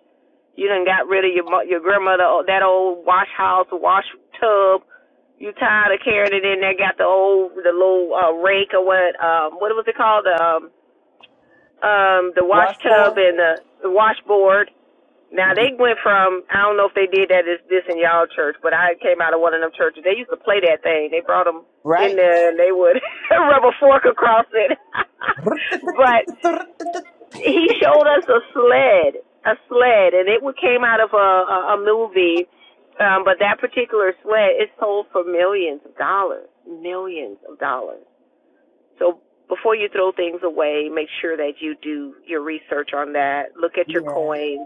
You done got rid of your your grandmother oh, that old wash house wash tub. You tired of carrying it in there? Got the old the little uh, rake or what? Um, what was it called? The um, um, the wash tub
Washboard.
and the, the washboard. Now they went from I don't know if they did that is this in y'all church, but I came out of one of them churches. They used to play that thing. They brought them in
right.
there and they would (laughs) rub a fork across it. (laughs)
(laughs)
but he showed us a sled, a sled, and it came out of a a, a movie. Um, but that particular sled is sold for millions of dollars, millions of dollars. So before you throw things away, make sure that you do your research on that. Look at your coins.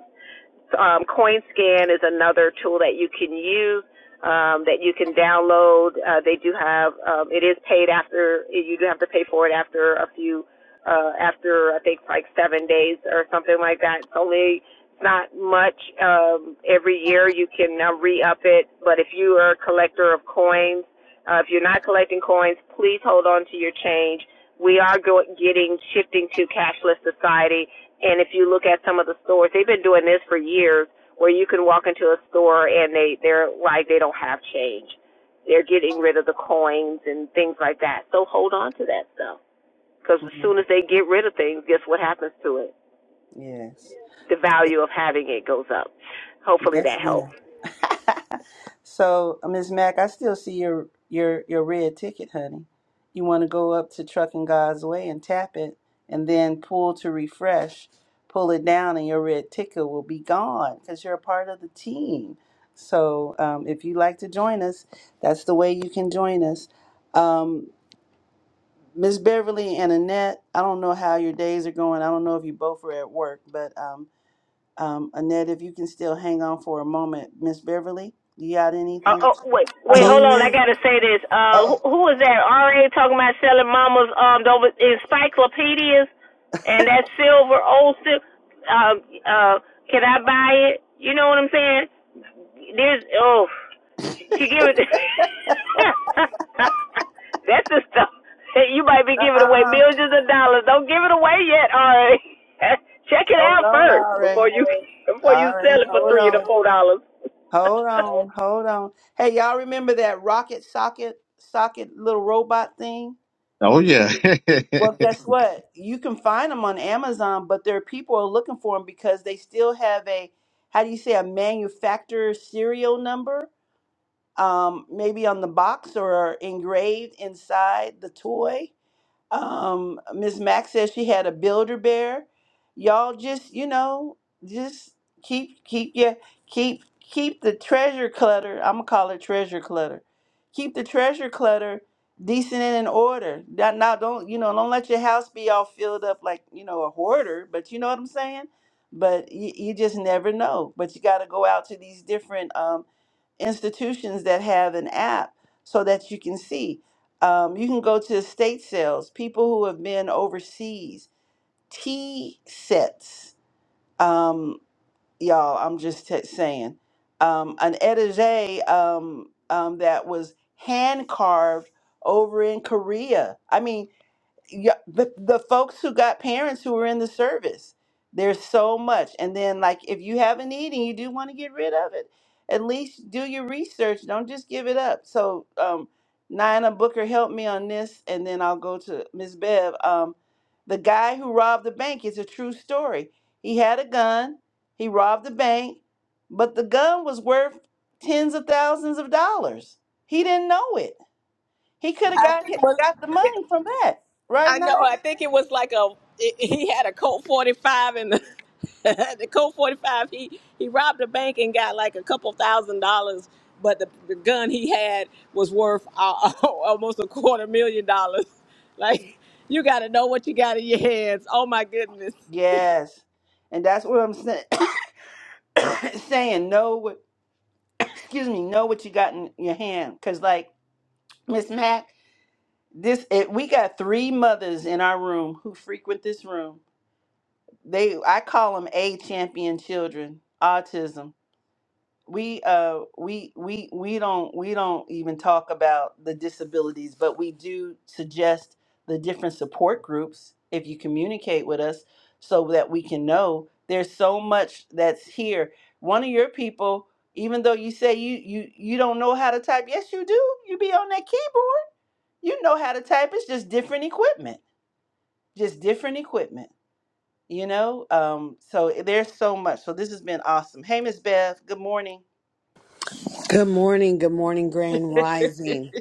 Um, CoinScan is another tool that you can use um, that you can download. Uh, they do have um, it is paid after you do have to pay for it after a few uh, after I think like seven days or something like that. It's only it's not much um, every year. You can uh, re up it, but if you are a collector of coins, uh, if you're not collecting coins, please hold on to your change. We are go- getting shifting to cashless society and if you look at some of the stores, they've been doing this for years where you can walk into a store and they they're like they don't have change. They're getting rid of the coins and things like that. So hold on to that stuff because as
Mhm.
soon as they get rid of things, guess what happens to it?
Yes,
The value of having it goes up. Hopefully that
Yes,
helps.
ma'am. So, uh, Ms. Mack, I still see your your your red ticket, honey. You want to go up to Trucking God's Way and tap it, and then pull to refresh. Pull it down, and your red ticket will be gone because you're a part of the team. So, um, if you'd like to join us, that's the way you can join us. Um, Miss Beverly and Annette, I don't know how your days are going. I don't know if you both are at work, but um, um, Annette, if you can still hang on for a moment. Miss Beverly, you got
Uh,
anything? to
oh,
share?
wait, wait,
Uh-oh,
hold on. I
Amen.
gotta say this. Uh, who,
uh-oh,
who was that? RA talking about selling mama's um those encyclopedias and that silver old silver. Um, uh, can I buy it? You know what I'm saying? There's oh, she give it. (laughs) That's the stuff. (laughs) You might be giving away
uh-uh,
millions of dollars. Don't give it away yet, RA. (laughs) Check it
hold
out
on,
first
all
before
right,
you before you
all right,
sell it for
hold
three to
on,
four dollars.
hold
(laughs)
on, hold on. Hey, y'all remember that rocket socket, socket little robot thing?
(laughs) oh yeah. (laughs)
Well, guess what? You can find them on Amazon, but there are people are looking for them because they still have a, how do you say, a manufacturer serial number? um, maybe on the box or engraved inside the toy. Um, Miss Max says she had a builder bear. Y'all just, you know, just keep keep yeah, keep keep the treasure clutter. I'm gonna call it treasure clutter. Keep the treasure clutter decent and in order. That now don't you know, don't let your house be all filled up like, you know, a hoarder, but you know what I'm saying? But you, you just never know. But you got to go out to these different um, institutions that have an app so that you can see. Um, you can go to estate sales, people who have been overseas, tea sets. Um, y'all, I'm just t- saying. Um, an etage um, um, that was hand carved over in Korea. I mean, yeah, the, the folks who got parents who were in the service. There's so much. And then, like, if you have a need and you do want to get rid of it, at least do your research. Don't just give it up. So, um, Nina Booker helped me on this, and then I'll go to Miss Bev. Um, the guy who robbed the bank is a true story. He had a gun, he robbed the bank, but the gun was worth tens of thousands of dollars. He didn't know it. He could have
I
got
think what
got the money from that, right
I
now.
know. I think it was like a it- he had a Colt 45 and the, (laughs) the Colt 45 he he robbed a bank and got like a couple thousand dollars, but the, the gun he had was worth uh, (laughs) almost a quarter million dollars. (laughs) Like you got to know what you got in your hands. Oh my goodness.
Yes. And that's what I'm saying. (coughs) saying know what excuse me, know what you got in your hand. Cause like Miss Mac, this it, we got three mothers in our room who frequent this room. They I call them A champion children, autism. we uh we we we don't we don't even talk about the disabilities but we do suggest the different support groups if you communicate with us so that we can know there's so much that's here one of your people even though you say you you you don't know how to type yes you do you be on that keyboard you know how to type it's just different equipment just different equipment you know um so there's so much so this has been awesome hey miss bev good morning
Good morning. Good morning, Grand Rising.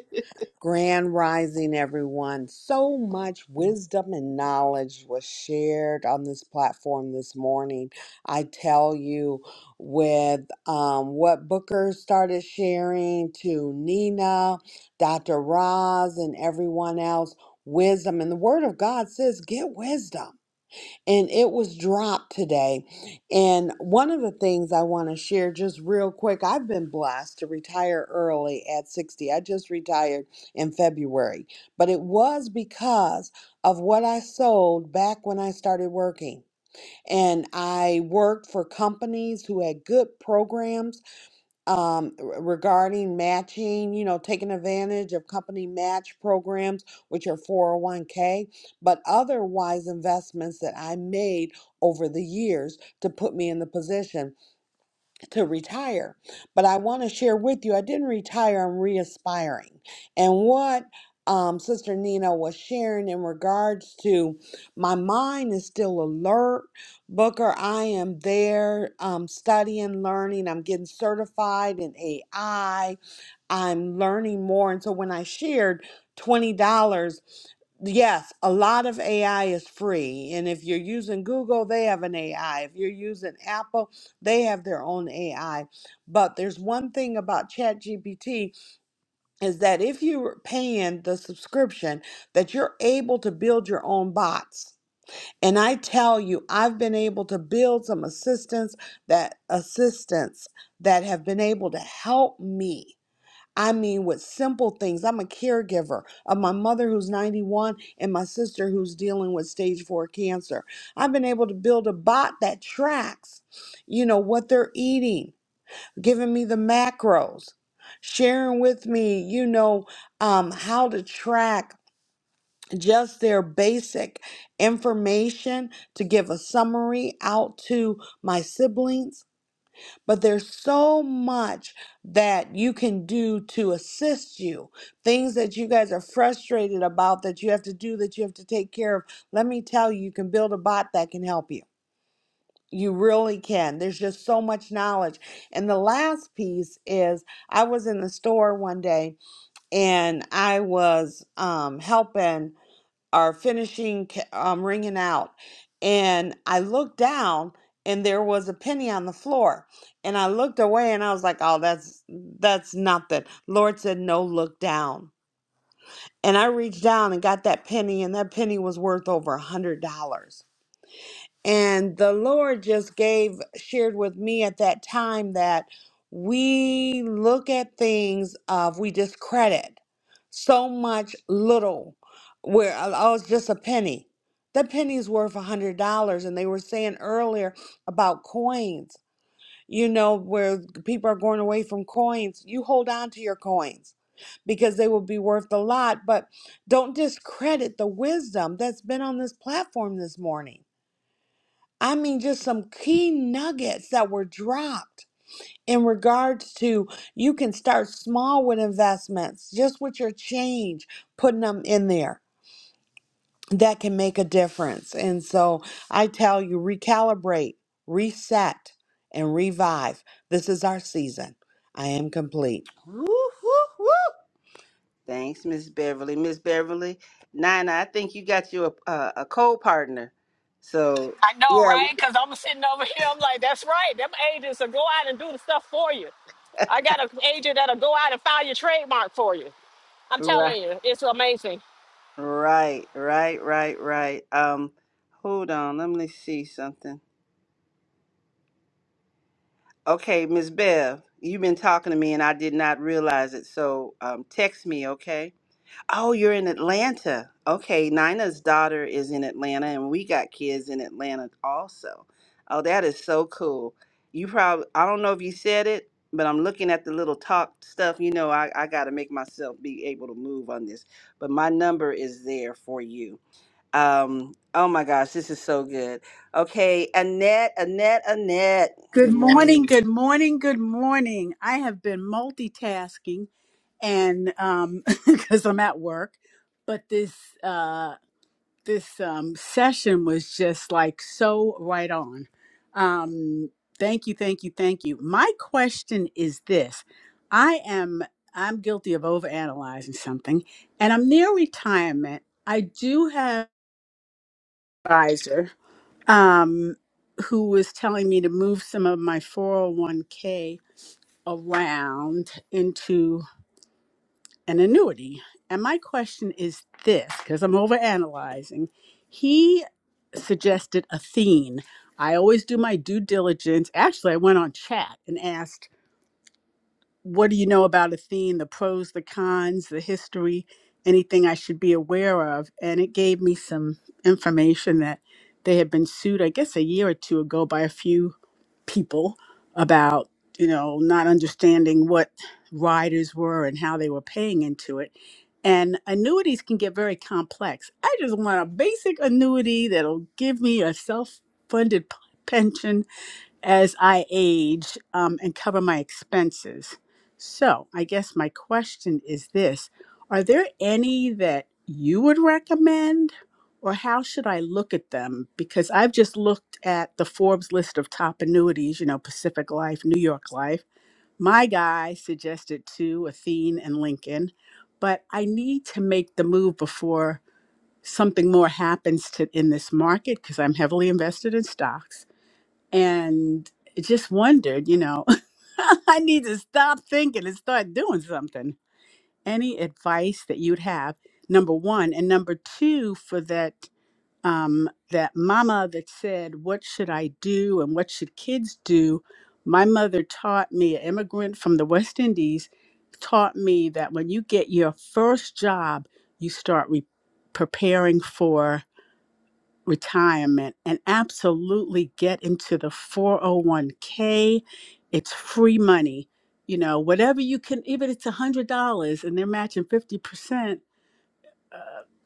Grand Rising, everyone. So much wisdom and knowledge was shared on this platform this morning. I tell you, with um, what Booker started sharing to Nina, Dr. Roz, and everyone else, wisdom. And the Word of God says, get wisdom. and it was dropped today. And one of the things I want to share just real quick, I've been blessed to retire early at 60. I just retired in February, but it was because of what I sold back when I started working. And I worked for companies who had good programs um, r- regarding matching, you know, taking advantage of company match programs, which are 401k, but otherwise investments that I made over the years to put me in the position to retire. But I want to share with you, I didn't retire, I'm re aspiring. And what um, Sister Nina was sharing in regards to my mind is still alert. Booker, I am there um, studying, learning. I'm getting certified in AI. I'm learning more. And so when I shared $20, yes, a lot of AI is free. And if you're using Google, they have an AI. If you're using Apple, they have their own AI. But there's one thing about ChatGPT is that if you're paying the subscription, that you're able to build your own bots. And I tell you, I've been able to build some assistants that assistants that have been able to help me I mean, with simple things. I'm a caregiver of my mother who's 91 and my sister who's dealing with stage four cancer. I've been able to build a bot that tracks, you know, what they're eating, giving me the macros, sharing with me, you know, um, how to track just their basic information to give a summary out to my siblings but there's so much that you can do to assist you. Things that you guys are frustrated about that you have to do, that you have to take care of. Let me tell you, you can build a bot that can help you. You really can. There's just so much knowledge. And the last piece is I was in the store one day and I was um, helping or finishing ca- um, ringing out. And I looked down and there was a penny on the floor. And I looked away and I was like, oh, that's that's nothing. Lord said, no, look down. And I reached down and got that penny, and that penny was worth over a $100. And the Lord just gave, shared with me at that time that we look at things of, we discredit so much little, where, uh, oh, it's just a penny. That penny's worth a hundred dollars. And they were saying earlier about coins, you know, where people are going away from coins. You hold on to your coins because they will be worth a lot, but don't discredit the wisdom that's been on this platform this morning I mean, just some key nuggets that were dropped in regards to you can start small with investments, just with your change, putting them in there. That can make a difference. And so I tell you, recalibrate, reset, and revive. This is our season. I am complete.
Woo, woo, woo. Thanks, Miss Beverly. Miss Beverly, Nina, I think you got you a, a, a co-partner. So
I know, right? Because I'm sitting over here. I'm like, that's right. Them agents will go out and do the stuff for you. I got an agent that'll go out and file your trademark for you. I'm
right,
telling you, it's amazing.
right, right, right, right. Um, hold on, let me see something. Okay, Miss Bev, you've been talking to me and I did not realize it. So um, text me, okay? Oh, you're in Atlanta. Okay, Nina's daughter is in Atlanta, and we got kids in Atlanta also. Oh, that is so cool. You probably, I don't know if you said it, but I'm looking at the little talk stuff. You know, I, I got to make myself be able to move on this, but my number is there for you. Um, oh my gosh, this is so good. Okay, Annette, Annette, Annette,
Good
good
morning,
morning.
good morning, good morning. I have been multitasking and um (laughs) because I'm at work, but this uh this um session was just like so right on. Um thank you, thank you, thank you. My question is this. I am I'm guilty of overanalyzing something and I'm near retirement. I do have an advisor um who was telling me to move some of my 401k around into an annuity. And my question is this because I'm over analyzing. He suggested Athene. I always do my due diligence. Actually, I went on chat and asked, What do you know about Athene? The pros, the cons, the history, anything I should be aware of. And it gave me some information that they had been sued, I guess, a year or two ago by a few people about you know not understanding what riders were and how they were paying into it and annuities can get very complex i just want a basic annuity that'll give me a self-funded pension as I age um, and cover my expenses. So, I guess my question is this Are there any that you would recommend, or how should I look at them? Because I've just looked at the Forbes list of top annuities, you know, Pacific Life, New York Life. My guy suggested two, Athene and Lincoln, but I need to make the move before something more happens to in this market because I'm heavily invested in stocks and just wondered, you know, (laughs) I need to stop thinking and start doing something. Any advice that you'd have? Number one, and number two, for that um, that mama that said, "What should I do?" and "What should kids do?" My mother taught me, an immigrant from the West Indies, taught me that when you get your first job, you start re- preparing for retirement and absolutely get into the 401k. It's free money. You know, whatever you can, even if it's $100 and they're matching 50%,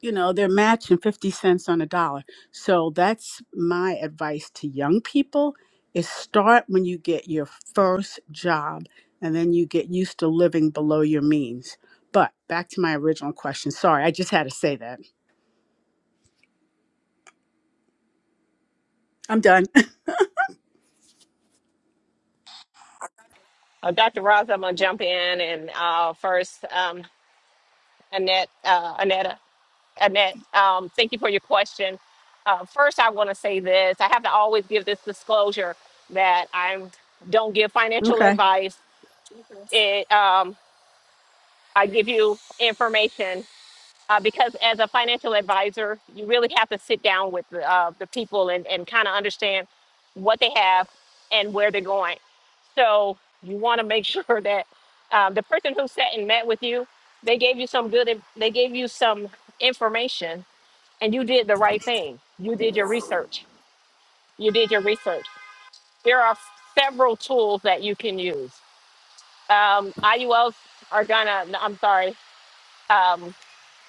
you know, they're matching 50 cents on a dollar. So that's my advice to young people is start when you get your first job and then you get used to living below your means. But back to my original question. Sorry, I just had to say that. I'm done. (laughs)
Uh, Dr. Ross, I'm gonna jump in and uh, first, um, Annette, uh, Annette, Annette, um, thank you for your question. Uh, first, I want to say this: I have to always give this disclosure that I don't give financial
Okay.
advice. It, um, I give you information uh, because as a financial advisor, you really have to sit down with the, uh, the people and, and kind of understand what they have and where they're going. So you want to make (laughs) sure that um, the person who sat and met with you, they gave you some good, in- they gave you some information, and you did the right thing. You did your research. You did your research. There are several tools that you can use. Um, IULs are gonna, no, I'm sorry. um,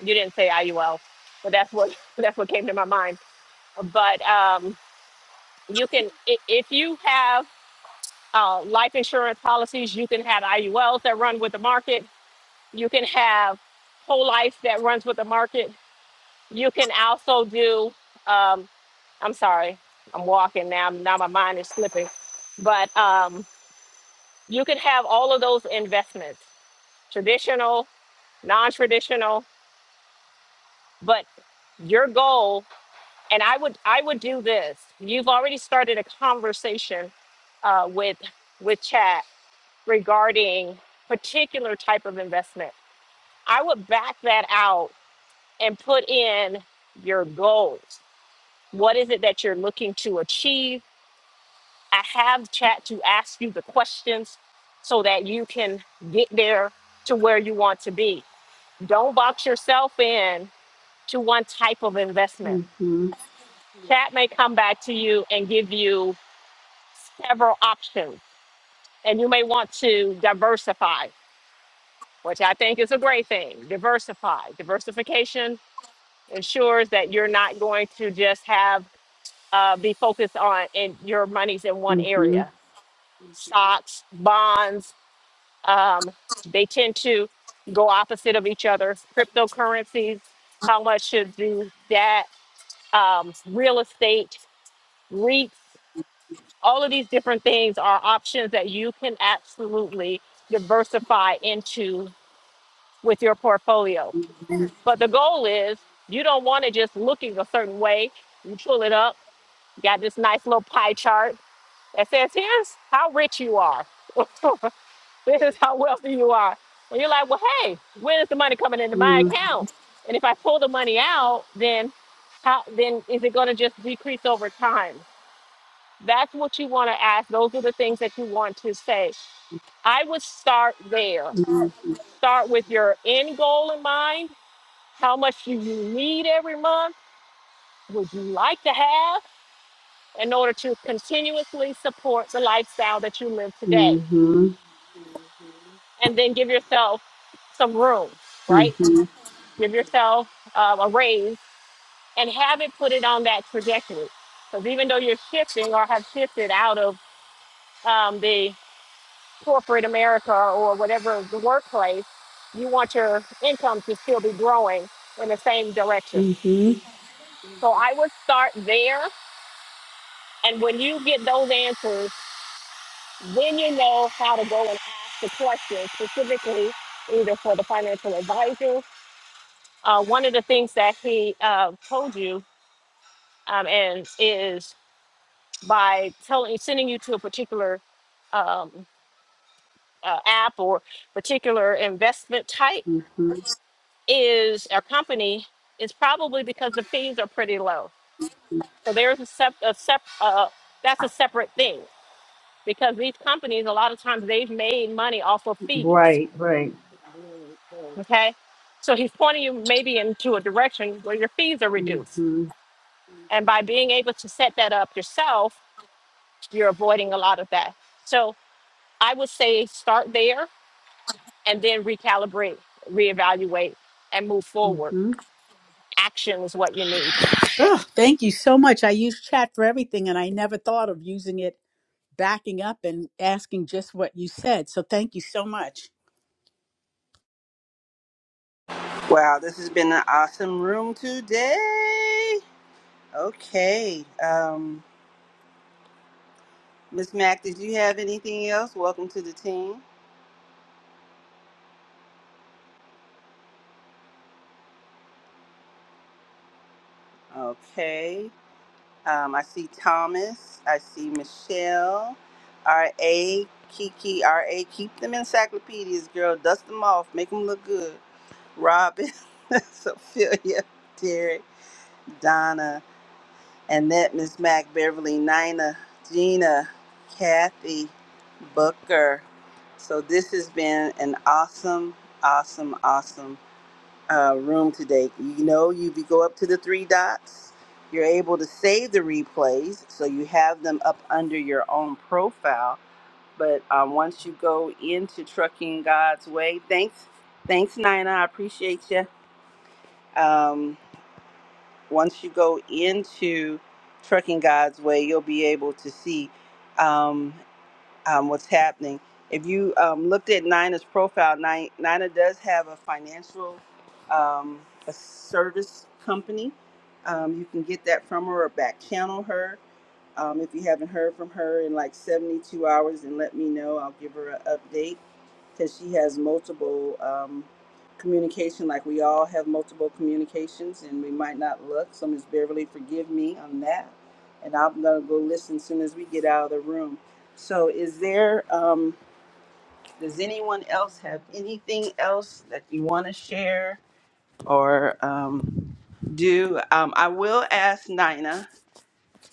you didn't say IUL, but that's what that's what came to my mind. But um, you can if you have uh, life insurance policies, you can have IULs that run with the market. You can have whole life that runs with the market. You can also do. Um, I'm sorry, I'm walking now. Now my mind is slipping, but um, you can have all of those investments, traditional, non-traditional, but your goal and i would i would do this you've already started a conversation uh, with with chat regarding particular type of investment i would back that out and put in your goals what is it that you're looking to achieve i have chat to ask you the questions so that you can get there to where you want to be don't box yourself in to one type of investment
Mhm.
chat may come back to you and give you several options and you may want to diversify, which I think is a great thing. Diversify. Diversification ensures that you're not going to just have uh, be focused on and your money's in one
Mhm.
area. Stocks, bonds, um, they tend to go opposite of each other. Cryptocurrencies, how much should do that? Um, real estate, REITs. all of these different things are options that you can absolutely diversify into with your portfolio. But the goal is you don't want to just looking a certain way. You pull it up, you got this nice little pie chart that says, here's how rich you are. (laughs) this is how wealthy you are. And you're like, well, hey, when is the money coming into my
Mm,
account? And if I pull the money out, then how then is it going to just decrease over time? That's what you want to ask. Those are the things that you want to say. I would start there.
mm,
Start with your end goal in mind. How much do you need every month? Would you like to have in order to continuously support the lifestyle that you live today?
mhm,
And then give yourself some room, right?
mhm,
Give yourself um, a raise and have it put it on that trajectory. Because even though you're shifting or have shifted out of um, the corporate America or whatever the workplace, you want your income to still be growing in the same direction.
mhm, mhm,
So I would start there. And when you get those answers, then you know how to go and ask the questions specifically, either for the financial advisor. Uh, one of the things that he uh, told you um, and is by telling, sending you to a particular um, uh, app or particular investment type
mhm.
is our company is probably because the fees are pretty low. So there's a sep, a sep uh, that's a separate thing because these companies a lot of times they've made money off of fees.
Right, right.
Okay, so he's pointing you maybe into a direction where your fees are reduced,
Mm-hmm.
and by being able to set that up yourself, you're avoiding a lot of that. So I would say start there and then recalibrate, reevaluate, and move forward.
Mm-hmm.
Action is what you need.
Oh, thank you so much. I use chat for everything, and I never thought of using it backing up and asking just what you said. So thank you so much.
Wow, this has been an awesome room today. Okay. Um. Miss Mack, did you have anything else? Welcome to the team. Okay. Um, I see Thomas. I see Michelle. R.A. Kiki. R.A. Keep them encyclopedias, girl. Dust them off. Make them look good. Robin. (laughs) Sophia. Derek. Donna. Annette. Miss Mac, Beverly. Nina. Gina. Kathy. Booker. So this has been an awesome, awesome, awesome uh, room today. You know, you be- go up to the three dots. You're able to save the replays, so you have them up under your own profile. But um, once you go into Trucking God's Way, thanks, thanks, Nina. I appreciate you. Um, once you go into Trucking God's Way, you'll be able to see. Um, um, what's happening. If you um, looked at Nina's profile, Ni- Nina does have a financial um, a service company. Um, you can get that from her or back channel her. Um, if you haven't heard from her in like 72 hours, then let me know. I'll give her an update because she has multiple um, communication. Like we all have multiple communications, and we might not look. So Miss Beverly, forgive me on that. And I'm gonna go listen as soon as we get out of the room. So, is there? Um, does anyone else have anything else that you want to share or um, do? Um, I will ask Nina.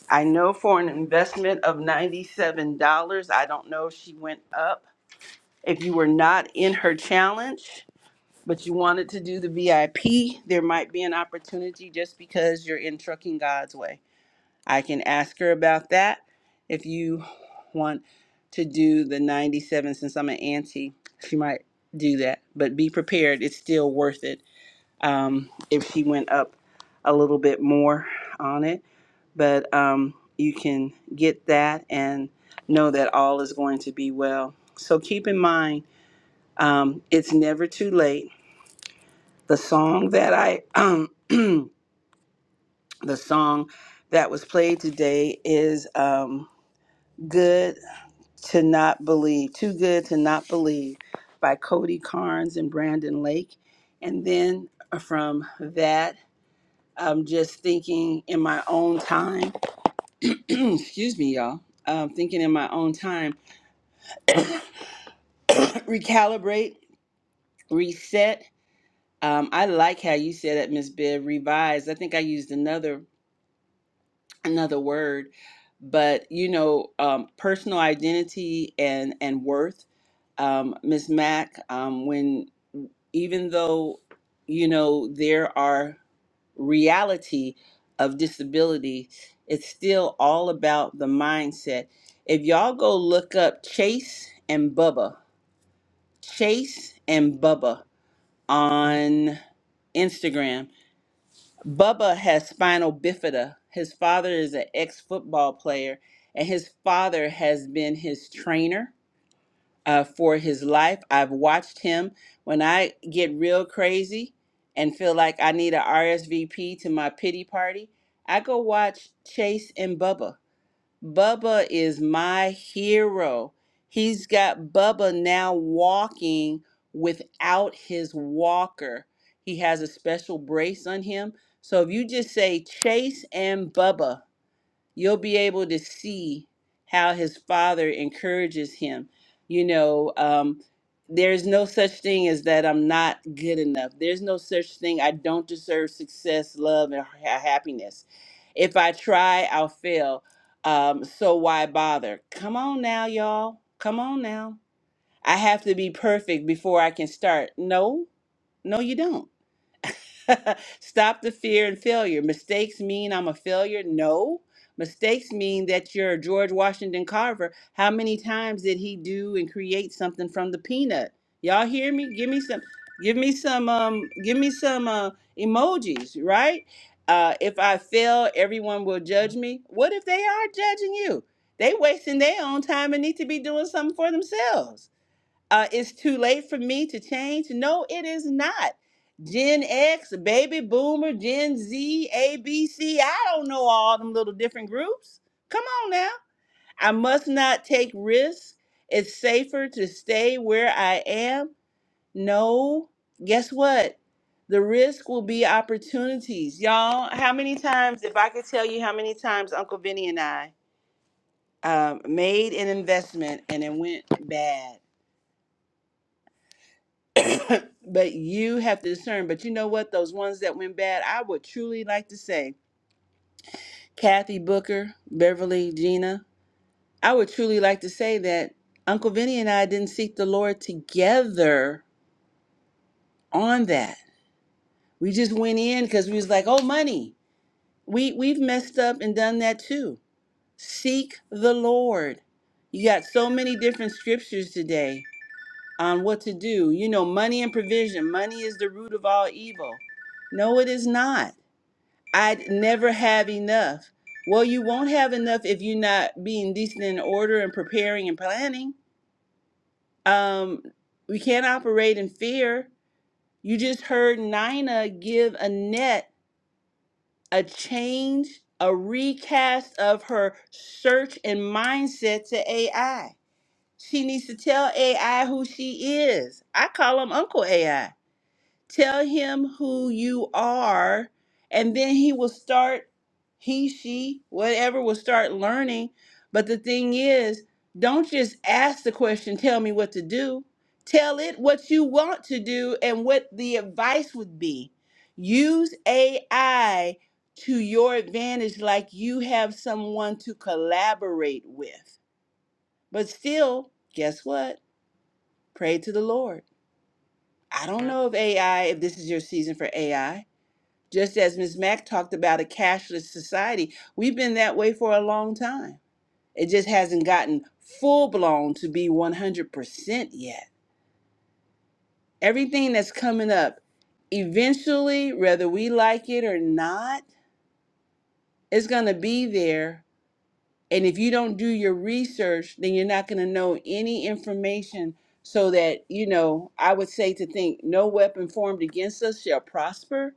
I know for an investment of $97, I don't know if she went up. If you were not in her challenge, but you wanted to do the VIP, there might be an opportunity just because you're in Trucking God's Way. I can ask her about that if you want to do the 97 since I'm an auntie. She might do that, but be prepared. It's still worth it um, if she went up a little bit more on it but um, you can get that and know that all is going to be well. So keep in mind, um, it's never too late. The song that I, um, (clears throat) the song that was played today is um, "Good to Not Believe," "Too Good to Not Believe" by Cody Carnes and Brandon Lake, and then uh, from that. I'm just thinking in my own time. (clears throat) Excuse me, y'all. Um, thinking in my own time recalibrate, reset. Um, I like how you said it, Miss Bibb, revise. I think I used another another word, but you know, um, personal identity and and worth. Um, Miss Mack, um, when even though you know there are reality of disability, it's still all about the mindset. If y'all go look up Chase and Bubba, Chase and Bubba. on Instagram. Bubba has spinal bifida. His father is an ex football player, and his father has been his trainer uh, for his life. I've watched him when I get real crazy and feel like I need a RSVP to my pity party. I go watch Chase and Bubba Bubba is my hero. He's got Bubba now walking without his walker. He has a special brace on him. So if you just say Chase and Bubba, you'll be able to see how his father encourages him. You know, um, there's no such thing as that I'm not good enough. There's no such thing. I don't deserve success, love, and ha- happiness if I try, I'll fail. Um, so why bother? Come on now, y'all. Come on now. I have to be perfect before I can start. No, no, you don't. (laughs) Stop the fear and failure. Mistakes mean I'm a failure? No. Mistakes mean that you're George Washington Carver. How many times did he do and create something from the peanut? Y'all hear me? Give me some give me some um give me some uh emojis, right? Uh if I fail, everyone will judge me. What if they are judging you? They wasting their own time and need to be doing something for themselves uh, it's too late for me to change. No, it is not. Gen X, baby boomer, Gen Z, ABC, I don't know all them little different groups. Come on now. I must not take risks. It's safer to stay where I am. No, guess what? The risk will be opportunities. Y'all, how many times, if I could tell you how many times Uncle Vinny and I um, made an investment and it went bad (laughs) but you have to discern. But you know what? Those ones that went bad, I would truly like to say Kathy Booker, Beverly, Gina. I would truly like to say that Uncle Vinny and I didn't seek the Lord together on that. We just went in because we was like, oh, money. We we've messed up and done that too. Seek the Lord. You got so many different scriptures today on what to do. You know, money and provision. Money is the root of all evil. No, it is not. I never have enough. Well, you won't have enough if you're not being decent in order and preparing and planning. Um, we can't operate in fear. You just heard Nina give Annette a change, a recast of her search and mindset to AI. She needs to tell AI who she is. I call him Uncle AI Tell him who you are, and then he will start, he, she, whatever will start learning. But the thing is, don't just ask the question, tell me what to do. Tell it what you want to do and what the advice would be. Use AI to your advantage, like you have someone to collaborate with. But still, guess what? Pray to the Lord. I don't know if AI, if this is your season for AI, just as Ms. Mack talked about a cashless society, we've been that way for a long time. It just hasn't gotten full blown to be 100% yet. Everything that's coming up, eventually, whether we like it or not, it's going to be there. And if you don't do your research, then you're not going to know any information. So that, you know, I would say to think no weapon formed against us shall prosper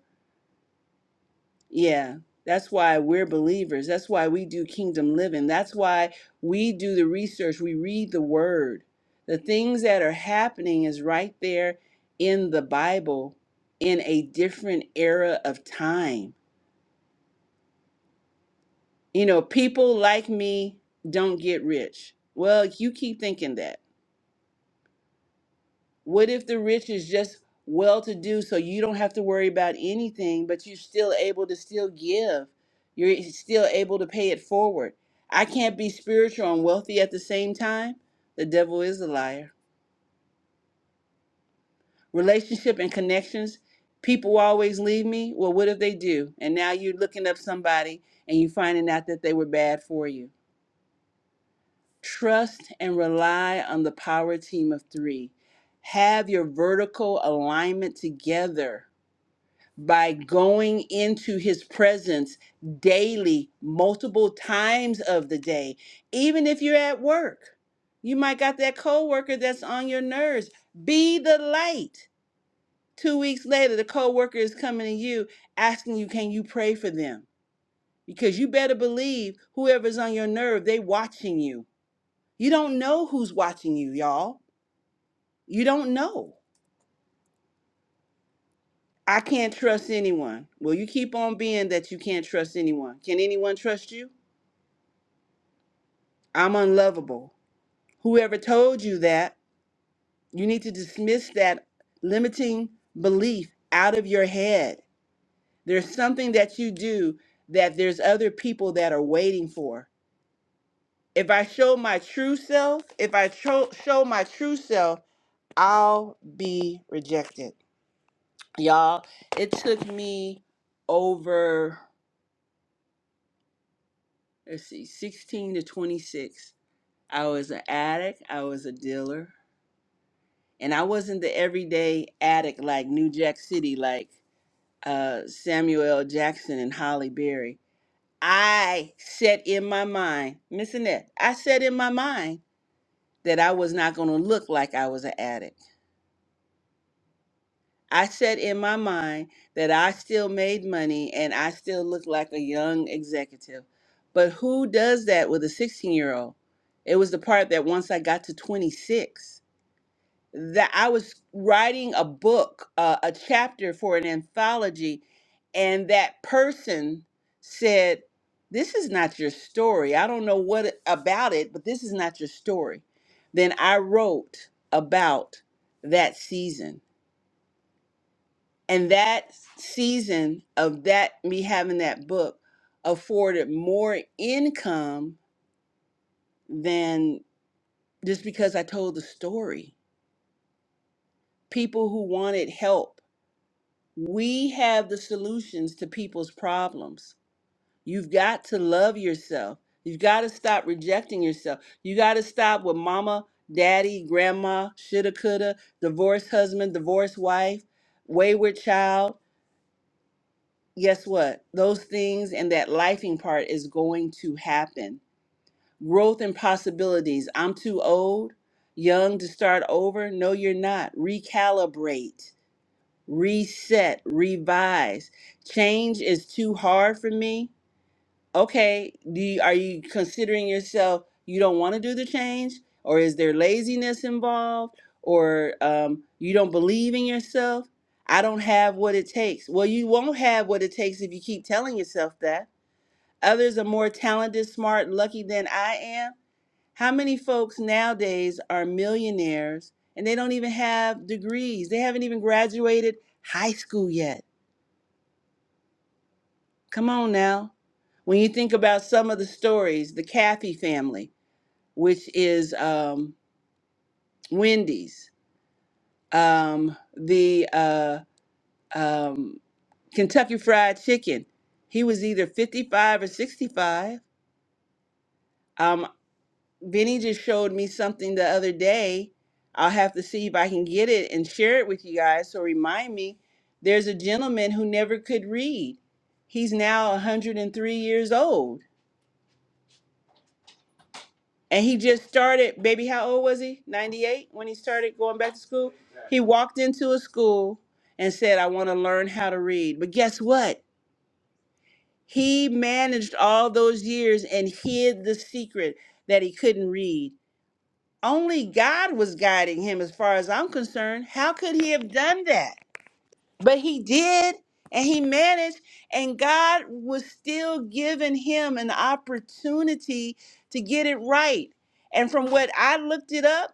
Yeah, that's why we're believers. That's why we do kingdom living. That's why we do the research. We read the word. The things that are happening is right there in the Bible in a different era of time. You know, people like me don't get rich. Well, you keep thinking that. What if the rich is just well to do so you don't have to worry about anything, but you're still able to still give? You're still able to pay it forward. I can't be spiritual and wealthy at the same time. The devil is a liar. Relationship and connections, people always leave me. Well, what if they do? And now you're looking up somebody and you're finding out that they were bad for you. Trust and rely on the power team of three. Have your vertical alignment together by going into his presence daily, multiple times of the day, even if you're at work. You might got that coworker that's on your nerves. Be the light. Two weeks later, the coworker is coming to you asking you, can you pray for them? Because you better believe whoever's on your nerve, they watching you. You don't know who's watching you, y'all. You don't know. I can't trust anyone. Well, you keep on being that you can't trust anyone. Can anyone trust you? I'm unlovable. Whoever told you that, you need to dismiss that limiting belief out of your head. There's something that you do that there's other people that are waiting for. If I show my true self, if I tro- show my true self, I'll be rejected. Y'all, it took me over, let's see, 16 to 26. I was an addict, I was a dealer, and I wasn't the everyday addict like New Jack City, like uh, Samuel L. Jackson and Holly Berry. I set in my mind, Miss Annette, I set in my mind that I was not going to look like I was an addict. I set in my mind that I still made money and I still looked like a young executive. But who does that with a 16 year old? It was the part that once I got to 26 that I was writing a book, uh, a chapter for an anthology, and that person said, This is not your story. I don't know what it- about it, but this is not your story. Then I wrote about that season. And that season of that, me having that book, afforded more income than just because I told the story. People who wanted help We have the solutions to people's problems. You've got to love yourself. You've got to stop rejecting yourself. You got to stop with mama, daddy, grandma, shoulda, coulda, divorced husband, divorced wife, wayward child. Guess what? Those things and that lifing part is going to happen. Growth and possibilities. I'm too old, young to start over. No, you're not. Recalibrate reset, revise. Change is too hard for me. Okay, do you, are you considering yourself you don't want to do the change, or is there laziness involved, or um, you don't believe in yourself? I don't have what it takes. Well, you won't have what it takes if you keep telling yourself that. Others are more talented, smart, lucky than I am. How many folks nowadays are millionaires and they don't even have degrees? They haven't even graduated high school yet Come on now. When you think about some of the stories, the Kathy family, which is um, Wendy's, um, the uh, um, Kentucky Fried Chicken, he was either 55 or 65. Um, Benny just showed me something the other day. I'll have to see if I can get it and share it with you guys. So remind me, there's a gentleman who never could read. He's now 103 years old And he just started, baby, how old was he? 98 when he started going back to school? He walked into a school and said, I want to learn how to read. But guess what? He managed all those years and hid the secret that he couldn't read. Only God was guiding him, as far as I'm concerned. How could he have done that? But he did, and he managed, and God was still giving him an opportunity to get it right. And from what I looked it up,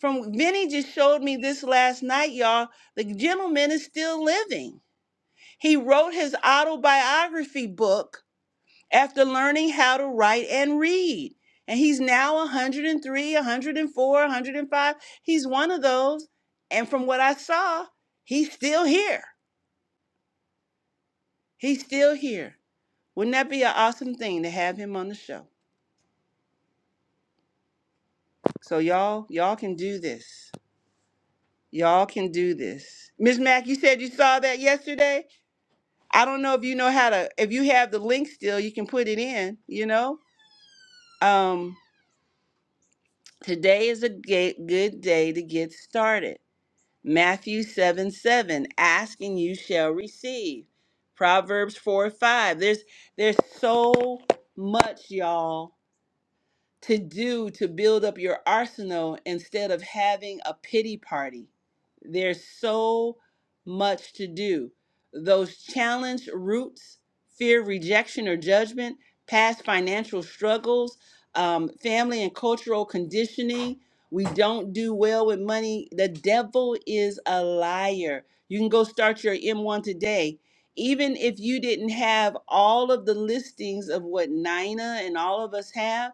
from Vinny just showed me this last night, y'all. The gentleman is still living. He wrote his autobiography book after learning how to write and read. And he's now 103, 104, 105. He's one of those. And from what I saw, he's still here. He's still here. Wouldn't that be an awesome thing to have him on the show? So y'all, y'all can do this. Y'all can do this. Miss Mack, you said you saw that yesterday? I don't know if you know how to if you have the link still, you can put it in, you know? Um today is a ga- good day to get started. Matthew 7 7, ask and you shall receive. Proverbs 4 5. There's there's so much, y'all to do to build up your arsenal instead of having a pity party. There's so much to do. Those challenge roots, fear, rejection, or judgment, past financial struggles, um, family and cultural conditioning. We don't do well with money. The devil is a liar. You can go start your M1 today. Even if you didn't have all of the listings of what Nina and all of us have,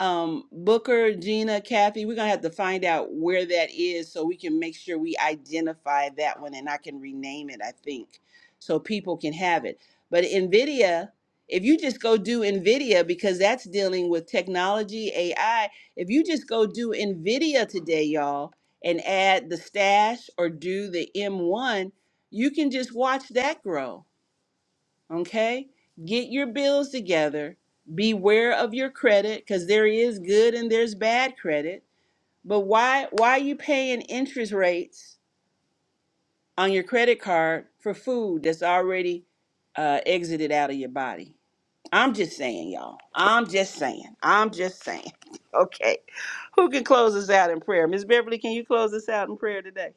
um Booker, Gina, Kathy, we're gonna have to find out where that is so we can make sure we identify that one and I can rename it, I think, so people can have it. But NVIDIA, if you just go do NVIDIA, because that's dealing with technology, AI, if you just go do NVIDIA today, y'all, and add the stash or do the M1, you can just watch that grow Okay? Get your bills together. Beware of your credit because there is good and there's bad credit. But why why are you paying interest rates on your credit card for food that's already uh, exited out of your body? I'm just saying, y'all. I'm just saying. I'm just saying. (laughs) Okay. Who can close us out in prayer? Miss Beverly, can you close us out in prayer today?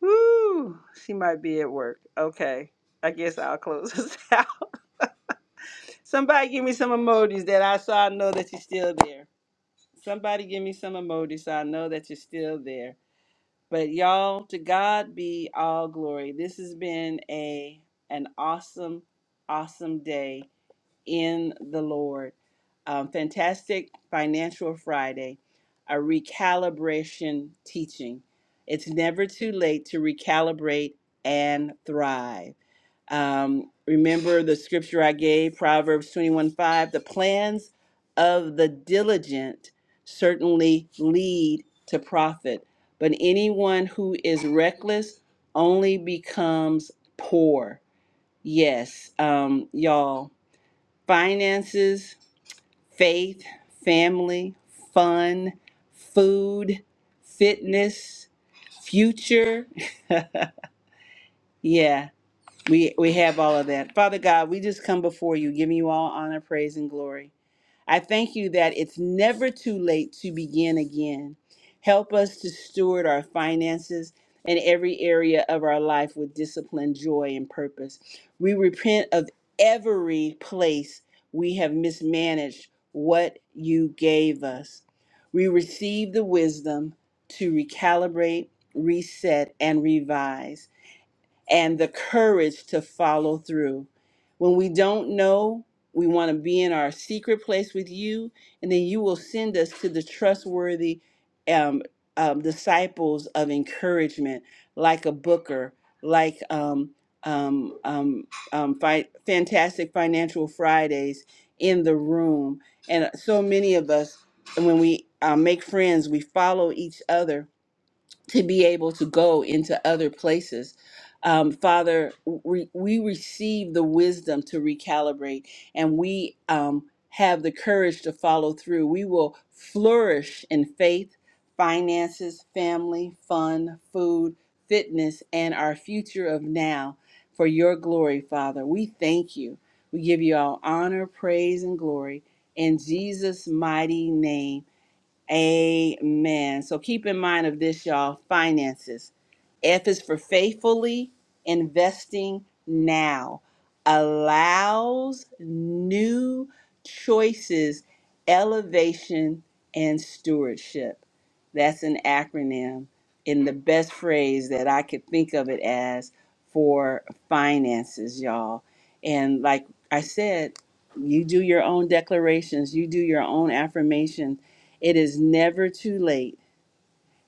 Woo! She might be at work. Okay. I guess I'll close (laughs) us out. Somebody give me some emojis that I so I know that you're still there. Somebody give me some emojis so I know that you're still there. But y'all, to God be all glory. This has been a an awesome, awesome day in the Lord. Um, fantastic Financial Friday, a recalibration teaching. It's never too late to recalibrate and thrive. Um, remember the scripture I gave, Proverbs 21 5. The plans of the diligent certainly lead to profit, but anyone who is reckless only becomes poor. Yes, um, y'all, finances, faith, family, fun, food, fitness, future. (laughs) Yeah. We we have all of that. Father God, we just come before you, giving you all honor, praise, and glory. I thank you that it's never too late to begin again. Help us to steward our finances and every area of our life with discipline, joy, and purpose. We repent of every place we have mismanaged what you gave us. We receive the wisdom to recalibrate, reset, and revise and the courage to follow through. When we don't know, we want to be in our secret place with you, and then you will send us to the trustworthy um, um, disciples of encouragement, like a Booker, like um, um, um, um, fi- Fantastic Financial Fridays in the room. And so many of us, when we uh, make friends, we follow each other to be able to go into other places. Um, Father, we, we receive the wisdom to recalibrate and we um, have the courage to follow through. We will flourish in faith, finances, family, fun, food, fitness, and our future of now for your glory, Father. We thank you. We give you all honor, praise, and glory in Jesus' mighty name. Amen. So keep in mind of this, y'all finances. F is for faithfully investing now, allows new choices, elevation, and stewardship. That's an acronym in the best phrase that I could think of it as for finances, y'all. And like I said, you do your own declarations, you do your own affirmations it is never too late,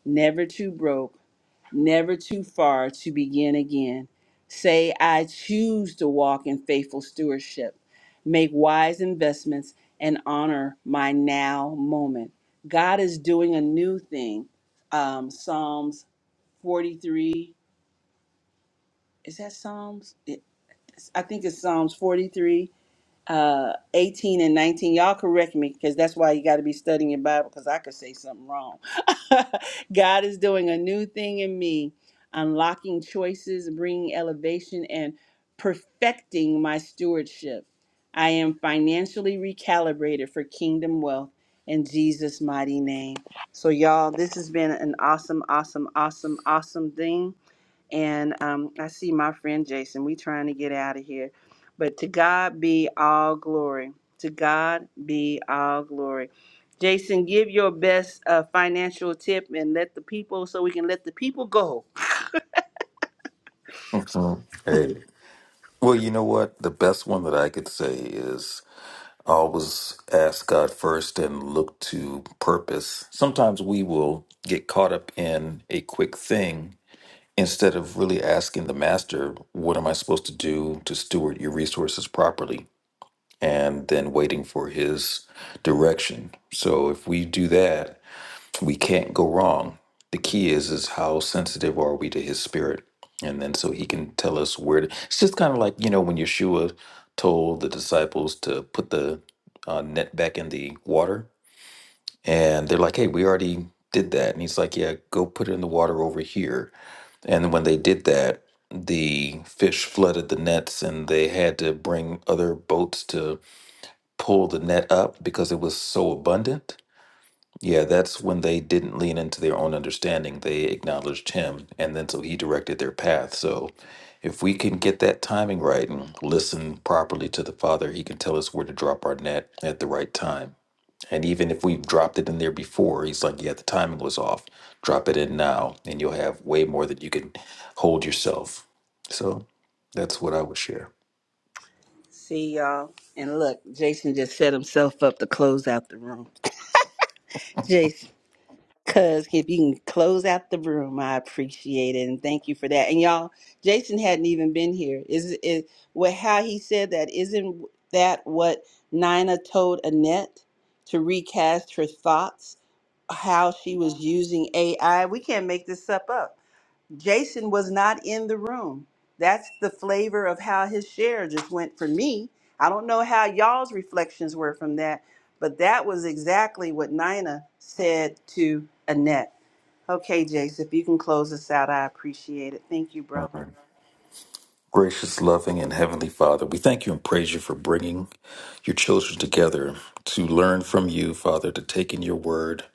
never too broke, never too far to begin again. Say, I choose to walk in faithful stewardship, make wise investments, and honor my now moment. God is doing a new thing. Um, Psalms 43, is that Psalms? It- I think it's Psalms 43 uh 18 and 19 y'all correct me because that's why you got to be studying your bible because i could say something wrong (laughs) god is doing a new thing in me unlocking choices bringing elevation and perfecting my stewardship i am financially recalibrated for kingdom wealth in jesus mighty name so y'all this has been an awesome awesome awesome awesome thing and um, I see my friend Jason. We trying to get out of here, but to God be all glory. To God be all glory. Jason, give your best uh, financial tip and let the people so we can let the people go.
Mm, Hey, well, you know what? The best one that I could say is always ask God first and look to purpose. Sometimes we will get caught up in a quick thing instead of really asking the master, What am I supposed to do to steward your resources properly? And then waiting for his direction. So if we do that, we can't go wrong. The key is is how sensitive are we to his spirit? And then so he can tell us where to, it's just kind of like, you know, when Yeshua told the disciples to put the uh, net back in the water and they're like, "Hey, we already did that." And he's like, "Yeah, go put it in the water over here." And when they did that, the fish flooded the nets and they had to bring other boats to pull the net up because it was so abundant yeah, that's when they didn't lean into their own understanding. They acknowledged him, and then so he directed their path. So if we can get that timing right and listen properly to the Father, he can tell us where to drop our net at the right time. And even if we've dropped it in there before, he's like, yeah, the timing was off. Drop it in now, and you'll have way more than you can hold yourself. So that's what I would share.
See y'all. And look, Jason just set himself up to close out the room. Jason. Cuz if you can close out the room, I appreciate it and thank you for that. And y'all, Jason hadn't even been here. Is is what how he said that isn't that what Nina told Annette to recast her thoughts how she was using AI? We can't make this up up. Jason was not in the room. That's the flavor of how his share just went for me. I don't know how y'all's reflections were from that, but that was exactly what Nina said to Annette. Okay, Jason, if you can close us out, I appreciate it. Thank you, bro.
All right. Gracious, loving, and heavenly Father, we thank you and praise you for bringing your children together to learn from you, Father, to take in your word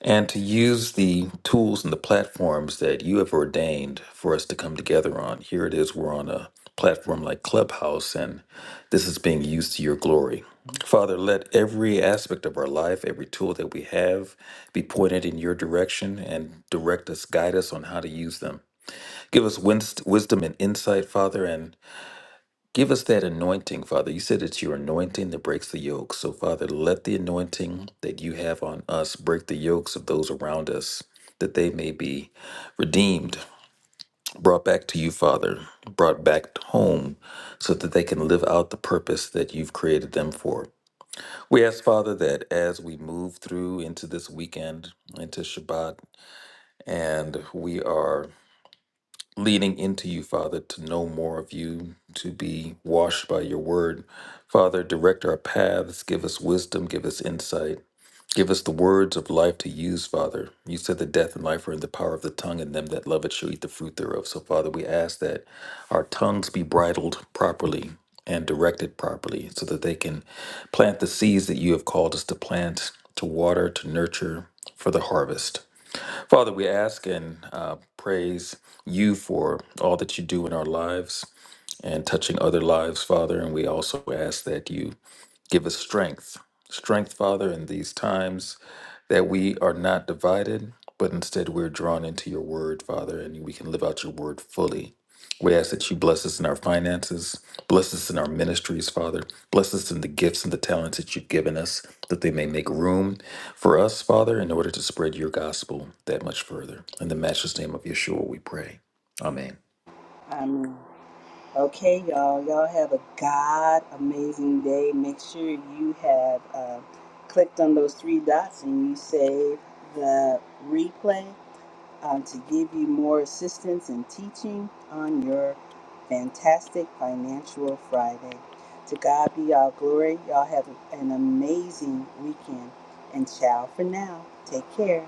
and to use the tools and the platforms that you have ordained for us to come together on. Here it is, we're on a platform like Clubhouse, and this is being used to your glory. Father, let every aspect of our life, every tool that we have, be pointed in your direction and direct us, guide us on how to use them. Give us wins- wisdom and insight, Father, and Give us that anointing, Father. You said it's your anointing that breaks the yoke. So, Father, let the anointing that you have on us break the yokes of those around us, that they may be redeemed, brought back to you, Father, brought back home, so that they can live out the purpose that you've created them for. We ask, Father, that as we move through into this weekend, into Shabbat, and we are leading into you, Father, to know more of you, to be washed by your word. Father, direct our paths, give us wisdom, give us insight, give us the words of life to use, Father. You said that death and life are in the power of the tongue, and them that love it shall eat the fruit thereof. So, Father, we ask that our tongues be bridled properly and directed properly so that they can plant the seeds that you have called us to plant, to water, to nurture for the harvest. Father, we ask and uh, praise you for all that you do in our lives and touching other lives, Father. And we also ask that you Give us strength, strength, Father, in these times that we are not divided, but instead we're drawn into your word, Father, and we can live out your word fully. We ask that you bless us in our finances, bless us in our ministries, Father, bless us in the gifts and the talents that you've given us, that they may make room for us, Father, in order to spread your gospel that much further. In the matchless name of Yeshua, we pray. Amen.
Um, okay, y'all. Y'all have a God amazing day. Make sure you have uh, clicked on those three dots and you save the replay um, to give you more assistance and teaching on your fantastic Financial Friday. To God be all glory. Y'all have an amazing weekend. And ciao for now. Take care.